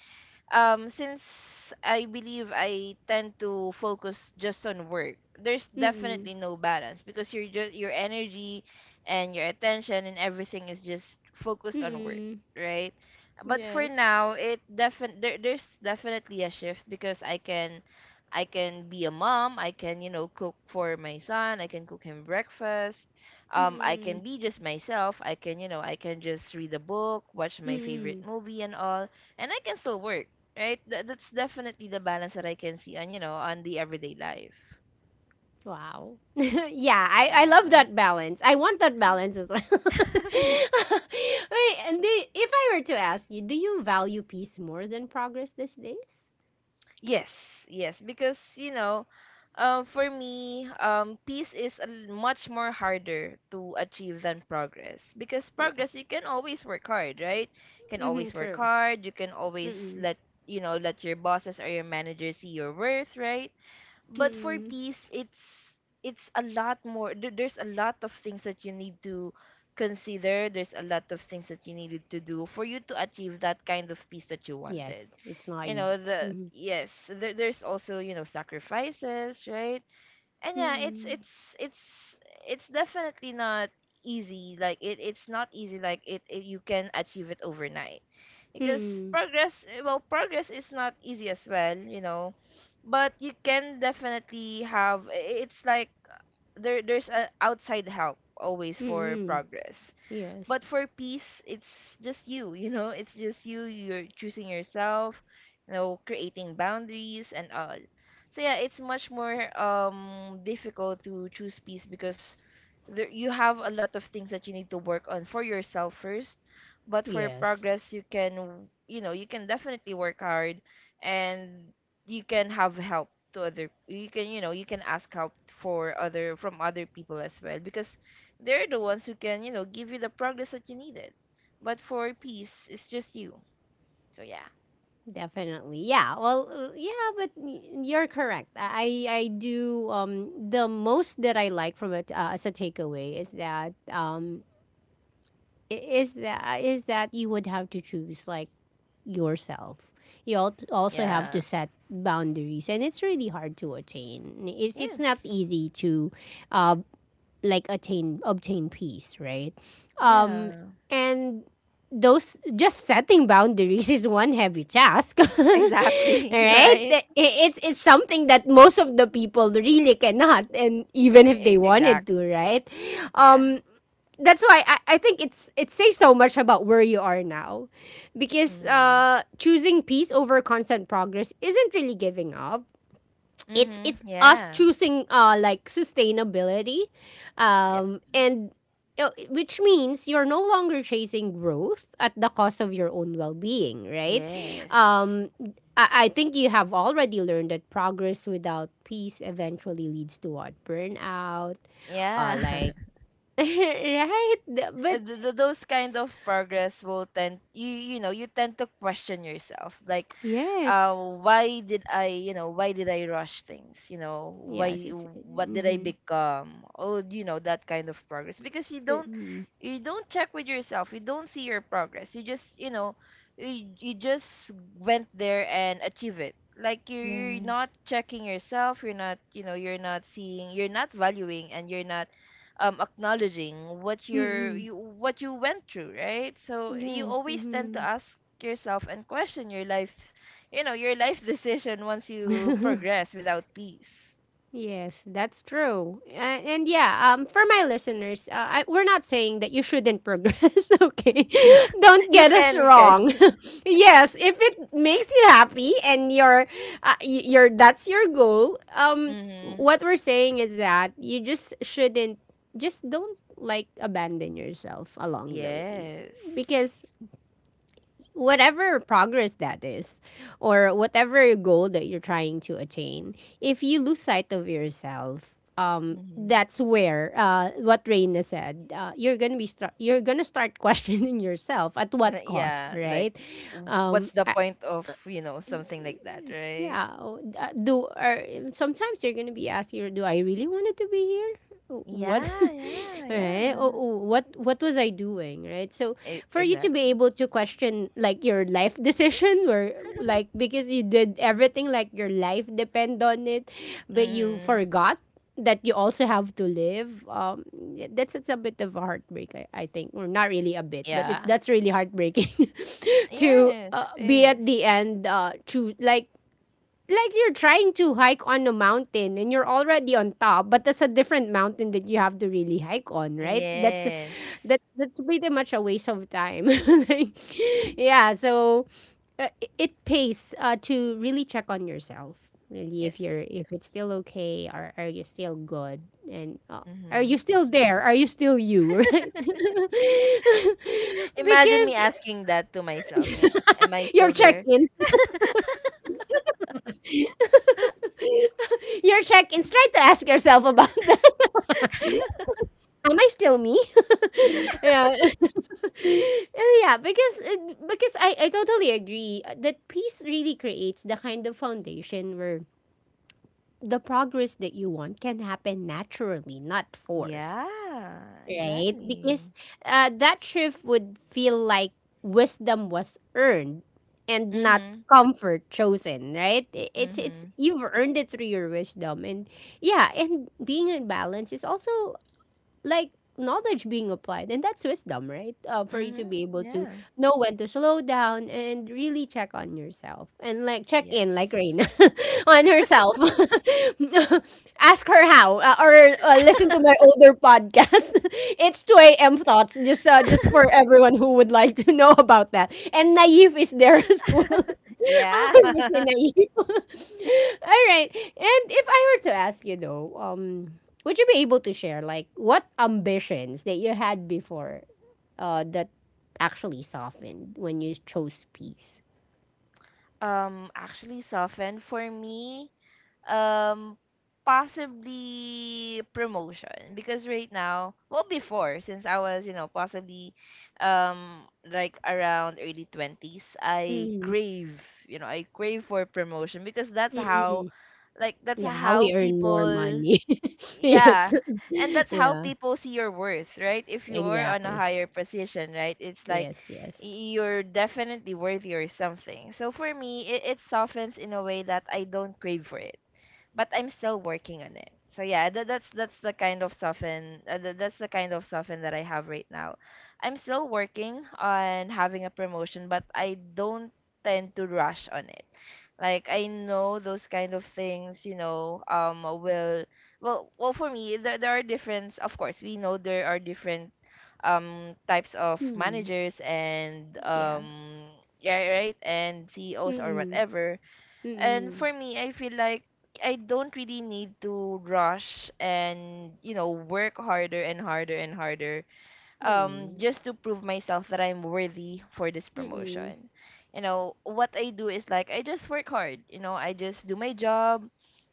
since I believe I tend to focus just on work, there's
Mm-mm.
definitely no balance, because you're just, your energy and your attention and everything is just focused on work,
Mm-mm.
right? But for
Yes.
now, it defin there, there's definitely a shift, because I can be a mom, I can, you know, cook for my son, I can cook him breakfast. I
Mm,
can be just myself. I can, you know, I can just read a book, watch my favorite
mm,
movie and all, and I can still work. Right? That that's definitely the balance that I can see on, you know, on the everyday life.
wow. Yeah, I love
Yeah.
that balance. I want that balance as well. Wait, and if I were to ask you, do you value peace more than progress these days?
Yes, yes, because you know, for me, peace is much more harder to achieve than progress. Because
Yeah.
progress, you can always work hard, right? You can
Mm-hmm,
always work
true.
hard. You can always
Mm-mm.
let, you know, let your bosses or your manager see your worth, right? But for
Mm-mm.
peace, it's a lot more, there's a lot of things that you need to consider, there's a lot of things that you needed to do for you to achieve that kind of peace that you wanted.
Yes, it's not
You
easy.
know the,
Mm-hmm.
yes, there, there's also, you know, sacrifices, right? And yeah, it's
Mm-mm.
it's it's it's definitely not easy, like it's not easy, like it you can achieve it overnight. Because
Mm-mm.
progress, well, progress is not easy as well, you know, but you can definitely have, it's like there, there's a outside help always for
Mm-mm.
progress.
Yes.
But for peace, it's just you, you know, it's just you. You're choosing yourself, you know, creating boundaries and all. So yeah, it's much more difficult to choose peace, because there, you have a lot of things that you need to work on for yourself first. But for
Yes.
progress, you can, you know, you can definitely work hard, and you can have help to other, you can, you know, you can ask help for other, from other people as well, because they're the ones who can, you know, give you the progress that you needed. But for peace, it's just you. So yeah.
Definitely. Yeah. Well, yeah, but you're correct. I do, the most that I like from it as a takeaway is that is that you would have to choose like yourself. You also have to
Yeah.
set boundaries, and it's really hard to attain. It's not
Yes.
easy to uh like attain, obtain peace, right? Um,
Yeah.
and those, just setting boundaries is one heavy task,
Exactly.
right?
Right.
It's something that most of the people really cannot, and even if they
E-
wanted
Exactly.
to, right?
Yeah.
um that's why I think it's, it says so much about where you are now, because
Mm.
choosing peace over constant progress isn't really giving up, it's
Mhm.
us
Yeah.
choosing like sustainability,
Yep.
and which means you're no longer chasing growth at the cost of your own well-being, right?
Yes.
Um I I think you have already learned that progress without peace eventually leads to what, burnout,
Yeah.
like right.
uh,
But
th- th- those kind of progress will tend you you know you tend to question yourself like
yes,
why did I why did I rush things, you know, why,
yes, it's
what did I
mm-hmm.
become, oh, you know, that kind of progress because you
Uh,
don't
mm,
you don't check with yourself, you don't see your progress, you just, you know, you just went there and achieve it, like you're
yes,
not checking yourself, you're not, you know, you're not seeing, you're not valuing, and you're not acknowledging what you're
mm-mm.
you what you went through, right? So you
Yes.
always tend to
Mm-hmm.
ask yourself and question your life, you know, your life decision once you progress without peace.
Yes, that's true. And yeah, for my listeners, we're not saying that you shouldn't progress, okay? Don't
you
get us
can you
wrong.
can
Yes, if it makes you happy and your your that's your goal,
Mm-hmm.
what we're saying is that you just shouldn't, just don't like abandon yourself along the way,
Yes.
because whatever progress that is or whatever goal that you're trying to attain, if you lose sight of yourself,
Mm-hmm.
that's where what Raina said. You're gonna be start. You're gonna start questioning yourself at what cost,
Yeah, like
right?
w-
Um,
what's the
I,
point of, you know, something like that, right?
yeah oh, do or sometimes you're gonna be asking, or do I really wanted to be here? What?
Yeah, yeah,
Right? Oh,
yeah.
oh, what was I doing, right? So
E-
for you to be
exactly.
able to question like your life decision, or like because you did everything like your life depend on it, but you
Mm-hmm.
forgot that you also have to live, yeah, that's it's a bit of a heartbreak, I think, or not really a bit, but it's
Yeah.
that's really heartbreaking. To
Yes, it
be
is.
at the end, to like you're trying to hike on a mountain and you're already on top, but that's a different mountain that you have to really hike on, right? That's
Yes.
that that's pretty much a waste of time. Like, yeah, so it pays to really check on yourself, really,
Yes.
if you're,
Yes.
if it's still okay, or are you still good, and are
Mm-hmm.
you still there? Are you still you, right?
Imagine me
Because
asking that to myself. Yeah. Am I
your
still there?
check-in, your check-in's, try to ask yourself about that. Am I still me? Yeah. Yeah, because I totally agree that peace really creates the kind of foundation where the progress that you want can happen naturally, not forced,
Yeah,
right? Because
exactly.
that shift would feel like wisdom was earned and not
Mm-hmm.
comfort chosen, right? It's
Mm-hmm.
you've earned it through your wisdom, and yeah, and being in balance is also like knowledge being applied, and that's wisdom, right? For you to be
Mm-hmm.
able to
Yeah.
know when to slow down and really check on yourself, and like check
Yes.
in like Rain on herself, ask her how, or listen to my older podcast. It's 2 a.m. thoughts, just for everyone who would like to know about that, and Naive is there as well,
Yeah.
our Mr. Naive. All right, and if I were to ask you though, would you be able to share like what ambitions that you had before that actually softened when you chose peace?
Actually soften for me, um possibly promotion, because right now, well, before, since I was, you know, possibly, um like around early 20s, I
Mm,
crave, you know, I crave for promotion because that's
mm,
how,
mm.
like that's
Yeah, how
how
we earn more
people.
money. Yes.
Yeah. And that's how
Yeah,
people see your worth, right? If you are on a
exactly.
higher position, right, it's like
Yes, yes.
y- you're definitely worthy or something. So for me, it softens in a way that I don't crave for it, but I'm still working on it. So yeah, that's that's the kind of soften, that's the kind of soften that I have right now. I'm still working on having a promotion, but I don't tend to rush on it. Like I know those kind of things, you know, will, well for me, there are different, of course, we know there are different types of
Mm,
managers and
yeah.
yeah, right, and CEOs or
Mm-mm.
whatever. And
Mm-mm.
for me, I feel like I don't really need to rush and, you know, work harder and harder and harder,
Mm-mm.
just to prove myself that I'm worthy for this
Mm-mm.
promotion. You know, what I do is like I just work hard, you know, I just do my job.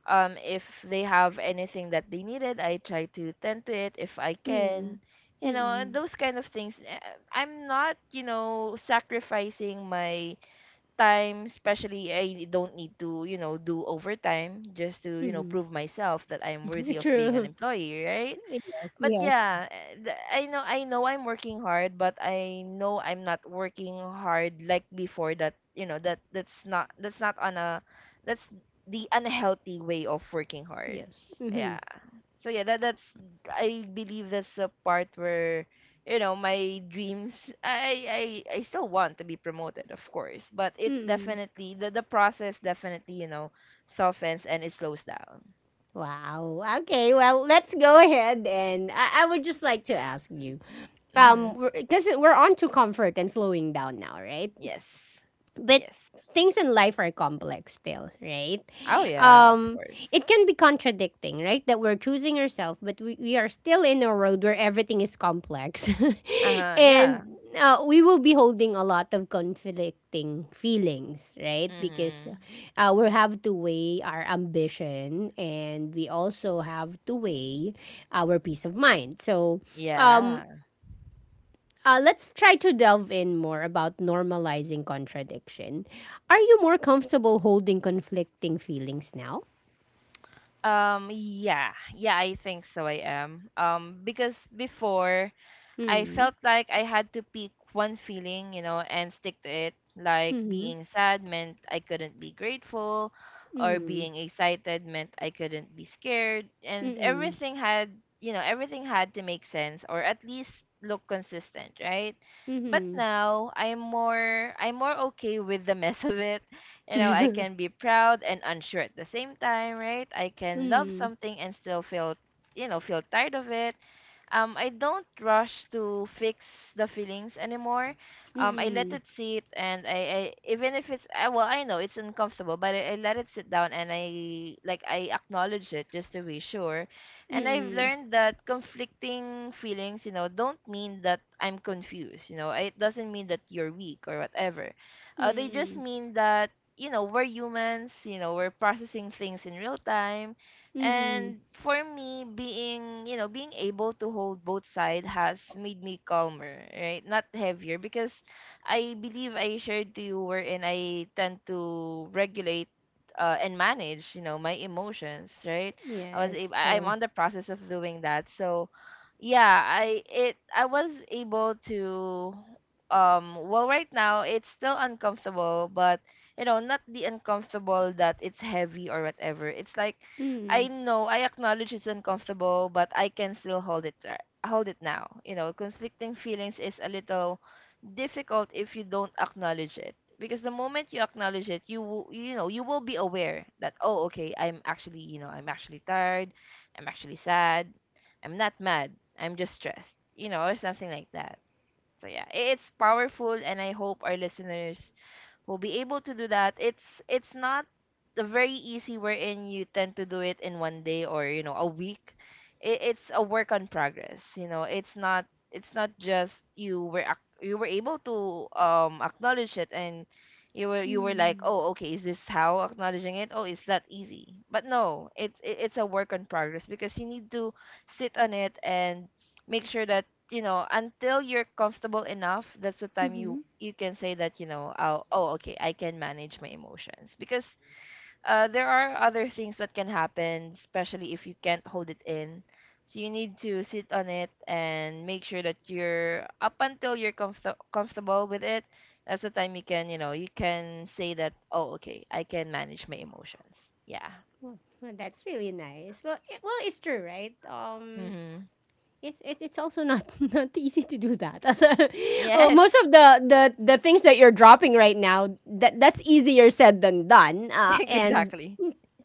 If they have anything that they needed, I try to tend to it if I
Mm-mm.
can. You know,
Mm-mm.
those kind of things. Eh, I'm not, you know, sacrificing my time. Especially, I don't need to, you know, do overtime just to, you know,
Mm-mm.
prove myself that I'm worthy of being an
True.
employee, right?
Yes,
But
yes,
yeah, eh, th- I know, I know I'm working hard, but I know I'm not working hard like before, that, you know, that's not that's not on a, that's the unhealthy way of working hard.
yes. Mm-hmm.
Yeah. So yeah, that that's, I believe that's the part where, you know, my dreams. I still want to be promoted, of course, but it
Mm-mm.
definitely, the process definitely, you know, softens and it slows down.
Wow. Okay. Well, let's go ahead and I would just like to ask you,
Mhm.
because we're on to comfort and slowing down now, right?
Yes.
But
Yes.
things in life are complex still, right?
Oh yeah, of
um
course.
it can be contradicting, right? That we're choosing ourselves, but we are still in a world where everything is complex.
Uh huh.
And
Yeah.
we will be holding a lot of conflicting feelings, right? Because
Mhm.
we have to weigh our ambition, and we also have to weigh our peace of mind. So um.
Yeah.
Let's try to delve in more about normalizing contradiction. Are you more comfortable holding conflicting feelings now?
Yeah. Yeah, I think so. I am. Because before, I
Mm.
felt like I had to pick one feeling, you know, and stick to it. Like
Mhm.
being sad meant I couldn't be grateful, or
Mhm.
being excited meant I couldn't be scared. And
Mhm.
everything had, you know, everything had to make sense, or at least look consistent, right? But
Mhm.
now I'm more okay with the mess of it. You know, I
Mhm.
can be proud and unsure at the same time, right? I can love
Mhm.
something and still feel, you know, feel tired of it. I don't rush to fix the feelings anymore. I let it sit, and I, even if it's well, I know it's uncomfortable, but I let it sit down, and I like, I acknowledge it just to be sure. And I've
Mhm.
learned that conflicting feelings, you know, don't mean that I'm confused. You know, it doesn't mean that you're weak or whatever. They just
Mhm.
mean that, you know, we're humans. You know, we're processing things in real time,
Mhm.
and for me, being, you know, being able to hold both sides has made me calmer, right? Not heavier, because I believe I shared to you wherein I tend to regulate and manage, you know, my emotions, right? I was
Yes,
able, I'm
true.
on the process of doing that. So, yeah, I it, I was able to, well, right now it's still uncomfortable, but you know, not the uncomfortable that it's heavy or whatever. It's like
Mm.
I know, I acknowledge it's uncomfortable, but I can still hold it there. Hold it now. You know, conflicting feelings is a little difficult if you don't acknowledge it. Because the moment you acknowledge it, you will, you know, you will be aware that, oh, okay, I'm actually, you know, I'm actually tired, I'm actually sad, I'm not mad, I'm just stressed, you know, or something like that. So yeah, I- it's powerful, and I hope our listeners will be able to do that. It's not a very easy wherein you tend to do it in 1 day or, you know, a week. It's a work on progress. You know, it's not, it's not just you were ac- you were able to acknowledge it, and you were like,
Mhm.
oh, okay, is this how acknowledging it, oh, it's that easy, but no, it's it's a work on progress, because you need to sit on it and make sure that, you know, until you're comfortable enough, that's the time you
Mhm.
you can say that, you know, I'll, oh, okay, I can manage my emotions. Because there are other things that can happen, especially if you can't hold it in. So you need to sit on it and make sure that you're up until you're comfortable with it. That's the time you can, you know, you can say that, oh, okay, I can manage my emotions. Yeah.
Well, well, that's really nice. Well, well, it's true, right?
Mm-hmm.
It's also not not easy to do that.
Yes.
Most of the things that you're dropping right now, that that's easier said than done. And
Exactly.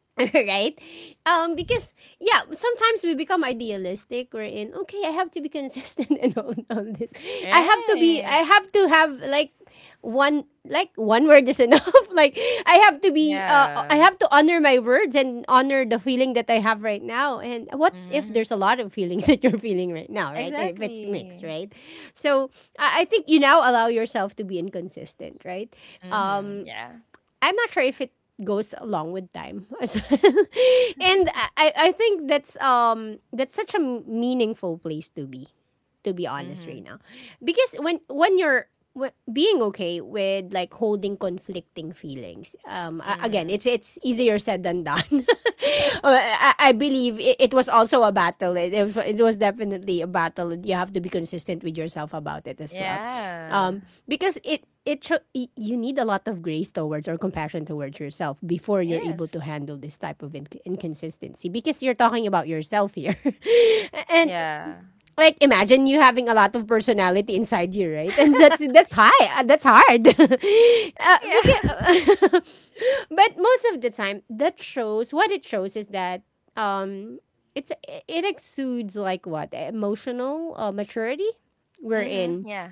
right? Because yeah, sometimes we become idealistic. We're in okay. I have to be consistent and all this. I have to be. I
Right.
have to have like one word is enough. like I have to be. I
Yeah.
have to honor my words and honor the feeling that I have right now. And what if
Mm-hmm.
there's a lot of feelings that you're feeling right now, right? And if it's mixed,
Exactly.
right? So I think you now allow yourself to be inconsistent, right?
Mm-hmm.
Um,
Yeah.
I'm not sure if it goes along with time. and I think that's such a meaningful place to be, to be honest
Mm-hmm.
right now, because when you're being okay with like holding conflicting feelings, again,
Mm-hmm.
it's easier said than done. I believe it was also a battle, it it was definitely a battle. You have to be consistent with yourself about it as well,
Yeah.
because you need a lot of grace towards or compassion towards yourself before you're
Yes.
able to handle this type of inconsistency, because you're talking about yourself here. And
Yeah.
like, imagine you having a lot of personality inside you, right? And that's high. That's hard.
Yeah.
Because, but most of the time, that shows, what it shows is that um, it's, it exudes like what emotional maturity we're
Mm-hmm.
in.
Yeah.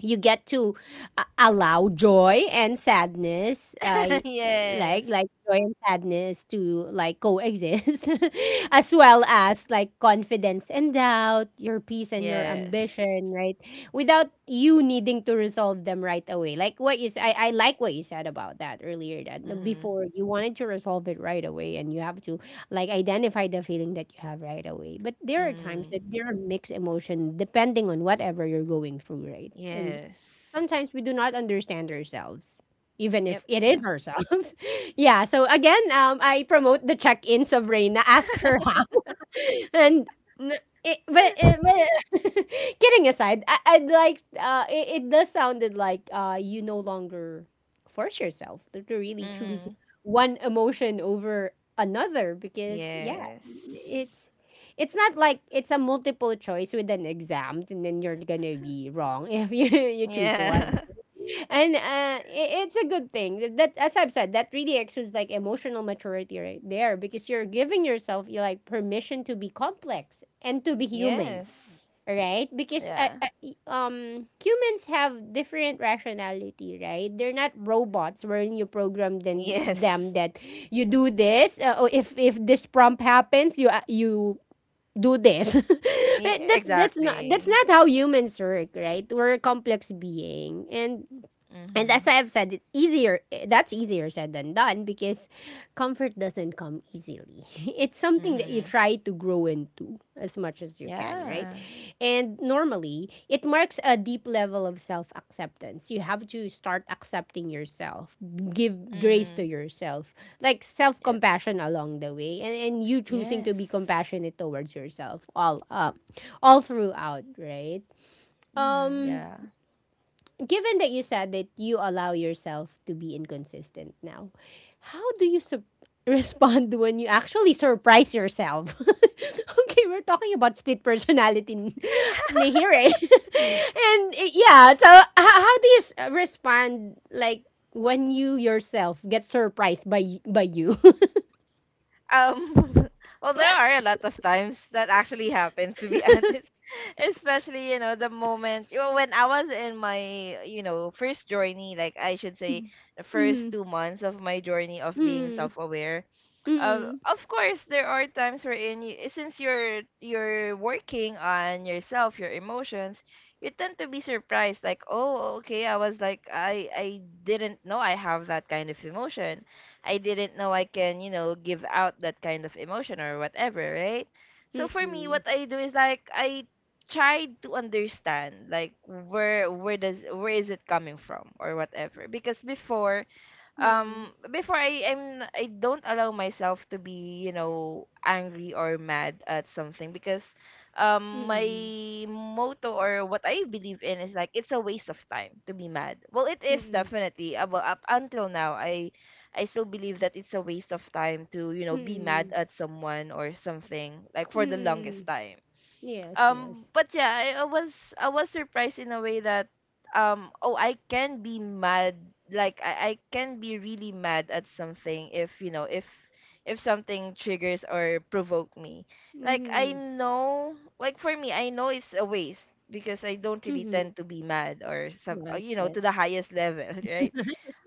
You get to allow joy and sadness,
Yes.
like joy and sadness to like coexist, as well as like confidence and doubt, your peace and your
Yes.
ambition, right, without you needing to resolve them right away. Like what you I like what you said about that earlier, that no,
Mm-hmm.
before you wanted to resolve it right away and you have to like identify the feeling that you have right away. But there are times
Mm.
that there are mixed emotion depending on whatever you're going through, right? And
Yes.
sometimes we do not understand ourselves. Even
Yep.
if it
Yeah.
is ourselves. Yeah. So again, I promote the check ins of Reina. Ask her and n- it, but kidding aside, I, I'd like it, it does sounded like you no longer force yourself to really choose
Mm-hmm.
one emotion over another, because yeah,
Yes.
it's it's not like it's a multiple choice with an exam and then you're gonna be wrong if you you choose one.
Yeah.
And it's a good thing that, that as I've said, that really exudes like emotional maturity right there, because you're giving yourself, you like permission to be complex and to be human,
Yes.
right? Because
Yeah.
humans have different rationality, right? They're not robots wherein you program them,
Yes.
them that you do this. Oh, if this prompt happens you you do this.
Ye-
Right? that that's
exactly.
not how humans work. Right, we're a complex being, and
Mm-hmm.
as I have said, it's easier. That's easier said than done, because comfort doesn't come easily. It's something that you
Mm-hmm.
try to grow into as much as you can, right?
Yeah.
And normally, it marks a deep level of self acceptance. You have to start accepting yourself, give grace
Mm-hmm.
to yourself, like self
Yep.
compassion along the way, and you choosing to
Yes.
be compassionate towards yourself all up, all throughout, right?
Mm-hmm.
Um,
Yeah.
given that you said that you allow yourself to be inconsistent now, how do you sup respond when you actually surprise yourself? Okay, we're talking about split personality na here, eh? And eh, yeah, so how do you respond like when you yourself get surprised by by you?
Um, well, there are a lot of times that actually happens, to be honest. Especially, you know, the moment, you know, when I was in my, you know, first journey, like I should say, the first
Mm,
2 months of my journey of
mm,
being
mm,
self-aware.
mm,
Of course, there are times wherein you, since you're working on yourself, your emotions, you tend to be surprised, like, oh, okay, I was like, I didn't know I have that kind of emotion, I didn't know I can, you know, give out that kind of emotion or whatever, right? So for
mm,
me, what I do is like I tried to understand like, where does where is it coming from or whatever. Because before,
mm,
before I don't allow myself to be, you know, angry or mad at something, because my motto, or what I believe in, is like it's a waste of time to be mad. Well, it is
mm,
definitely. Well, up until now, I still believe that it's a waste of time to, you know, be mad
mm,
at someone or something, like for the
mm.
longest time.
Yes, yes.
But yeah, I was, I was surprised in a way that, oh, I can be mad. Like I can be really mad at something if, you know, if something triggers or provoke me. Like I
Mm-hmm.
know, like for me I know it's a waste, because I don't really
Mhm.
tend to be mad or some, or,
Yes,
you know,
yes.
to the highest level right?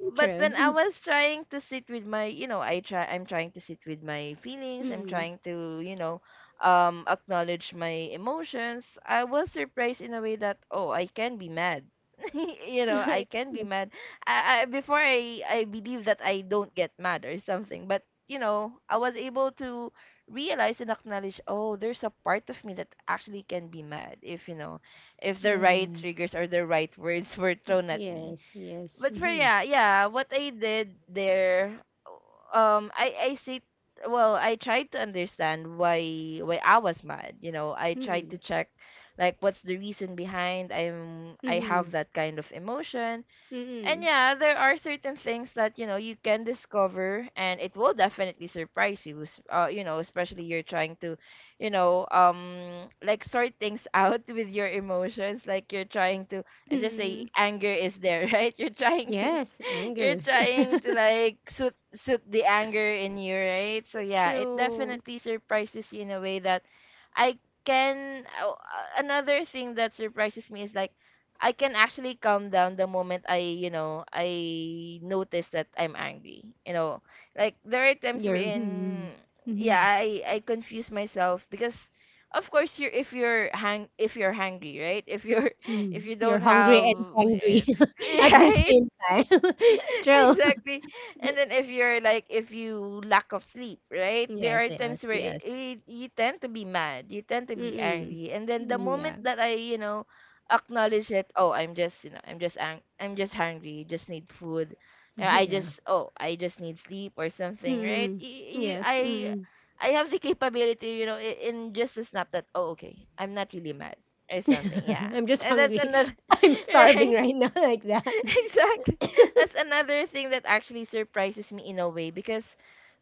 But when I
True.
was trying to sit with my, you know, I try, I'm trying to sit with my feelings. I'm
Mm.
trying to, you know, acknowledge my emotions. I was surprised in a way that, oh, I can be mad. You know, I can be mad. I before, I believe that I don't get mad or something, but you know, I was able to realize and acknowledge, oh, there's a part of me that actually can be mad if, you know, if the right
Yes, yes.
triggers or the right words were thrown at me.
Yes, yes.
But for
Mhm.
yeah, yeah, what I did there, I see. Well, I tried to understand why, I was mad. You know, I tried to
Mm.
check, like, what's the reason behind I'm, I have
Mhm.
that kind of emotion. And
Mm.
yeah, there are certain things that, you know, you can discover, and it will definitely surprise you. You know, especially you're trying to, you know, like sort things out with your emotions. Like you're trying to, let's just say,
Mm.
anger is there, right? You're trying to,
Yes,
you're
anger.
trying to like suit the anger in you, right? So yeah, it
True.
definitely surprises you in a way that I can. Oh, another thing that surprises me is like. I can actually calm down the moment I notice that I'm angry. Like there are times
You're mm,
wherein, yeah,
mm,
I confuse myself because, of course, you're if you're hang if you're hungry, right? If you're
mm.
if you
You're
don't
hungry
have,
and angry at the
right?
same time. True.
Exactly. And then if you're like if you lack of sleep, right, there
Yes,
are
yes,
times where
yes.
you tend to be mad, you tend to be
Mm-mm.
angry. And then the
Mm,
moment
yeah,
that I acknowledge it, oh, I'm just I'm just hungry, just need food. I
yeah.
just, oh, I just need sleep or something, right?
Mm-mm. Yes.
I
Mm.
have the capability, in just a snap that, oh, okay, I'm not really mad or something. Yeah.
I'm just
And that's
hungry.
another.
I'm starving
Right.
right now, like that.
Exactly. That's another thing that actually surprises me in a way because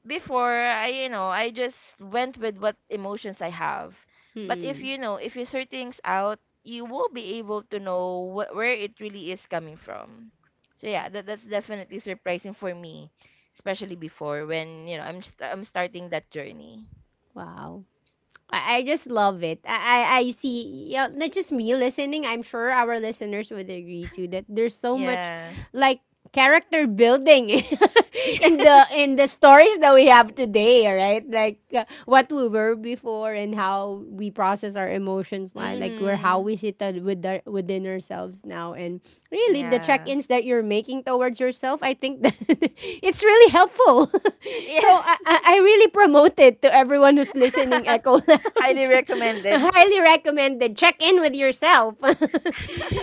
before I just went with what emotions I have. But
Mm.
if you sort things out, you will be able to know where it really is coming from. So yeah, that's definitely surprising for me, especially before when you know I'm starting that journey.
Wow. I just love it. I, I see, yeah, not just me listening, I'm sure our listeners would agree too that there's so much
Yeah.
like character building
Yeah.
in the stories that we have today, right? Like what we were before and how we process our emotions, like where, how
Mhm.
we sit with our, within ourselves now, and really the
Yeah.
check-ins that you're making towards yourself, I think that it's really helpful. So I,
Yes.
I really promote it to everyone who's listening, Echo
Highly
Lounge.
recommended.
Highly recommended. Check in with yourself.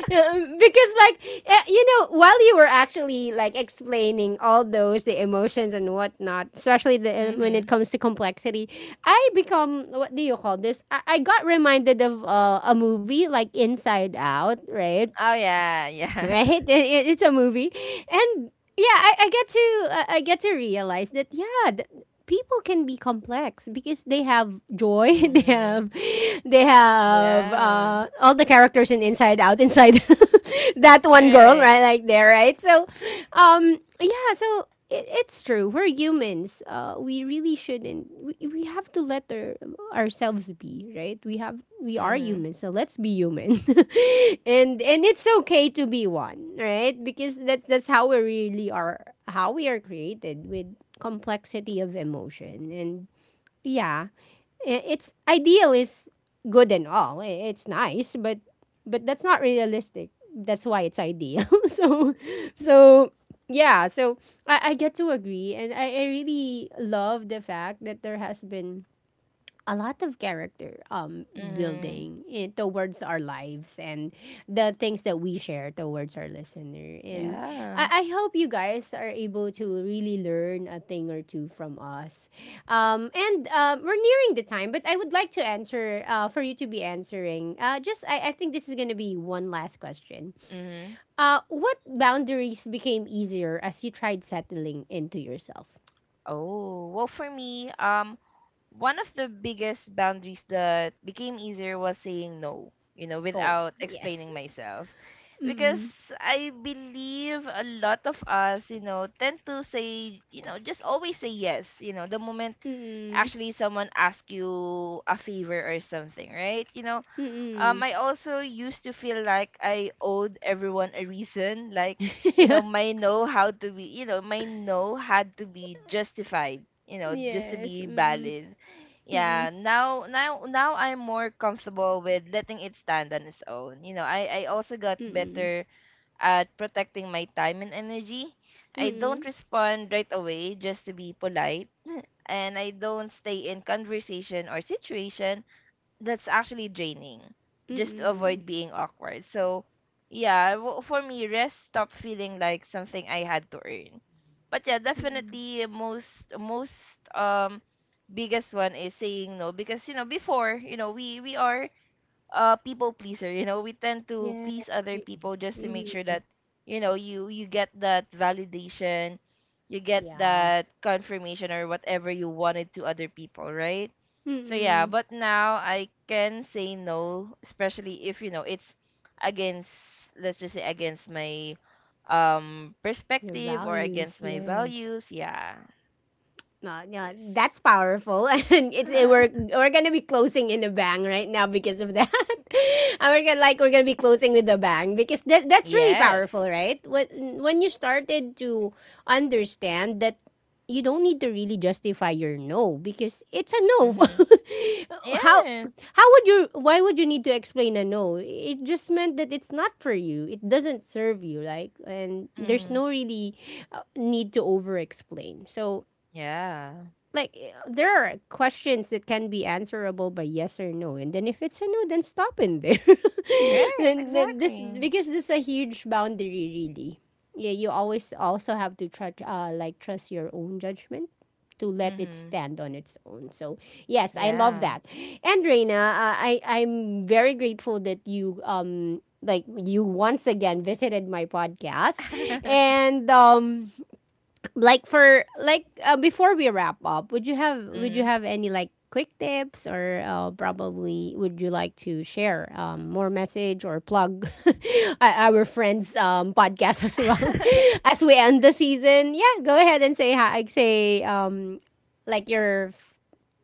Yeah, because like eh, you know, while you were actually like explaining all those the emotions and whatnot, especially the eh, when it
Mhm.
comes to complexity, I become, what do you call this? I got reminded of a movie like Inside Out, right?
Oh, yeah, yeah.
Right? It's a movie, and yeah, I get to I get to realize that yeah, people can be complex because they have joy, they
Mhm.
have, they have
Yeah.
all the characters in Inside Out, inside that one girl,
Right.
right, like there, right? So, yeah, so it, it's true. We're humans. We really shouldn't. We have to let our, ourselves be, right? We have, we are
Mhm.
humans, so let's be human, and it's okay to be one, right? Because that's how we really are, how we are created with complexity of emotion, and yeah, it's ideal is good and all. It's nice, but that's not realistic. That's why it's ideal. So so yeah, so I get to agree, and I really love the fact that there has been a lot of character
Mhm.
building in, towards our lives and the things that we share towards our listener, and
Yeah.
I hope you guys are able to really learn a thing or two from us, and we're nearing the time, but I would like to answer for you to be answering just I think this is going to be one last question.
Mhm.
What boundaries became easier as you tried settling into yourself?
Oh, well for me, one of the biggest boundaries that became easier was saying no, you know,
Oh
without explaining
yes.
myself. Because
Mm,
I believe a lot of us, you know, tend to say, you know, just always say yes, you know, the moment
mm, mm,
actually someone asks you a favor or something, right? Um,
mm.
I also used to feel like I owed everyone a reason, like you know,
Yeah.
my no had to be justified, you know, just to
Yes.
be
Mm-mm.
valid.
Mm-mm.
Yeah, now I'm more comfortable with letting it stand on its own. You know, I also got
Mm-mm.
better at protecting my time and energy. I don't
Mm-mm.
respond right away just to be polite, and I don't stay in conversation or situation that's actually draining just to
Mm-mm.
avoid being awkward. So, yeah, for me, rest stopped feeling like something I had to earn. But yeah,
Mm-mm.
definitely, most most biggest one is saying no. Because you know, before, you know, we are, uh, people pleaser, you know, we tend to please
Yes.
other people just to make sure
Mm-mm.
that you know, you get that validation, you get
Yeah.
that confirmation or whatever you wanted to other people, right? So yeah,
Mm-mm.
but now I can say no, especially if you know it's against, let's just say, against my, um,
Your
perspective or
values.
against my
Yes.
values. Yeah.
Yeah,
Yes.
that's powerful, and it's, it, we're we're gonna be closing in a bang right now because of that. And we're gonna be closing with a bang, because that, that's really
Yes.
powerful, right? When you started to understand that you don't need to really justify your no, because it's a no.
Mhm.
how
Yes.
how would you, why would you need to explain a no? It just meant that it's not for you. It doesn't serve you, like, and there's
Mhm.
no really need to over explain. So
Yeah.
like eh, there are questions that can be answerable by yes or no, and then if it's a no, then stop in there
Right,
then this,
exactly.
because this is a huge boundary, really. Yeah, you always also have to try like trust your own judgment, to let it
Mhm.
stand on its own. So yes, I love
Yeah.
that. And Reina, I, I'm very grateful that you like you once again visited my podcast, and like for like before we wrap up, would you
Mhm.
have any like quick tips, or probably would you like to share more message or plug our friends podcast as well
Mhm.
as we end the season? Yeah, go ahead and say hi, say like your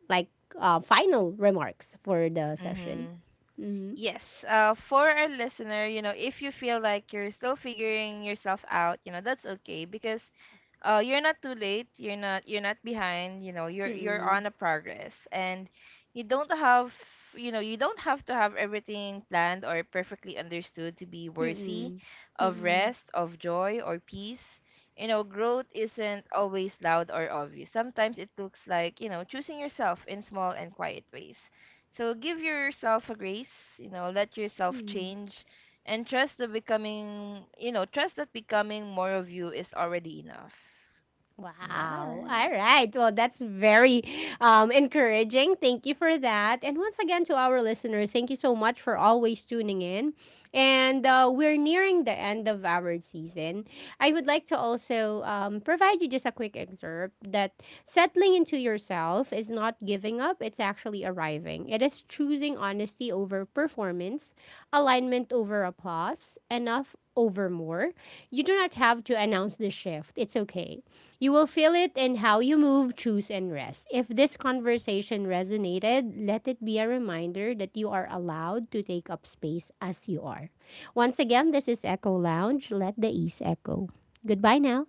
like final remarks for the session. Mm-hmm.
Yes. For our listener, you know, if you feel like you're still figuring yourself out, you know, that's okay. Because you're not too late. You're not behind. You know, you're
Mm-mm.
on a progress. And you don't have, you know, you don't have to have everything planned or perfectly understood to be worthy
Mm-mm.
of
Mm-mm.
rest, of joy, or peace. You know, growth isn't always loud or obvious. Sometimes it looks like, you know, choosing yourself in small and quiet ways. So give yourself a grace. You know, let yourself
Mm-mm.
change and trust the becoming. You know, trust that becoming more of you is already enough.
Wow. All
Yes.
right. Well, that's very encouraging. Thank you for that. And once again, to our listeners, thank you so much for always tuning in. And we're nearing the end of our season. I would like to also provide you just a quick excerpt, that settling into yourself is not giving up, it's actually arriving. It is choosing honesty over performance, alignment over applause, enough over more. You do not have to announce the shift. It's okay. You will feel it in how you move, choose, and rest. If this conversation resonated, let it be a reminder that you are allowed to take up space as you are. Once again, this is Echo Lounge. Let the ease echo. Goodbye now.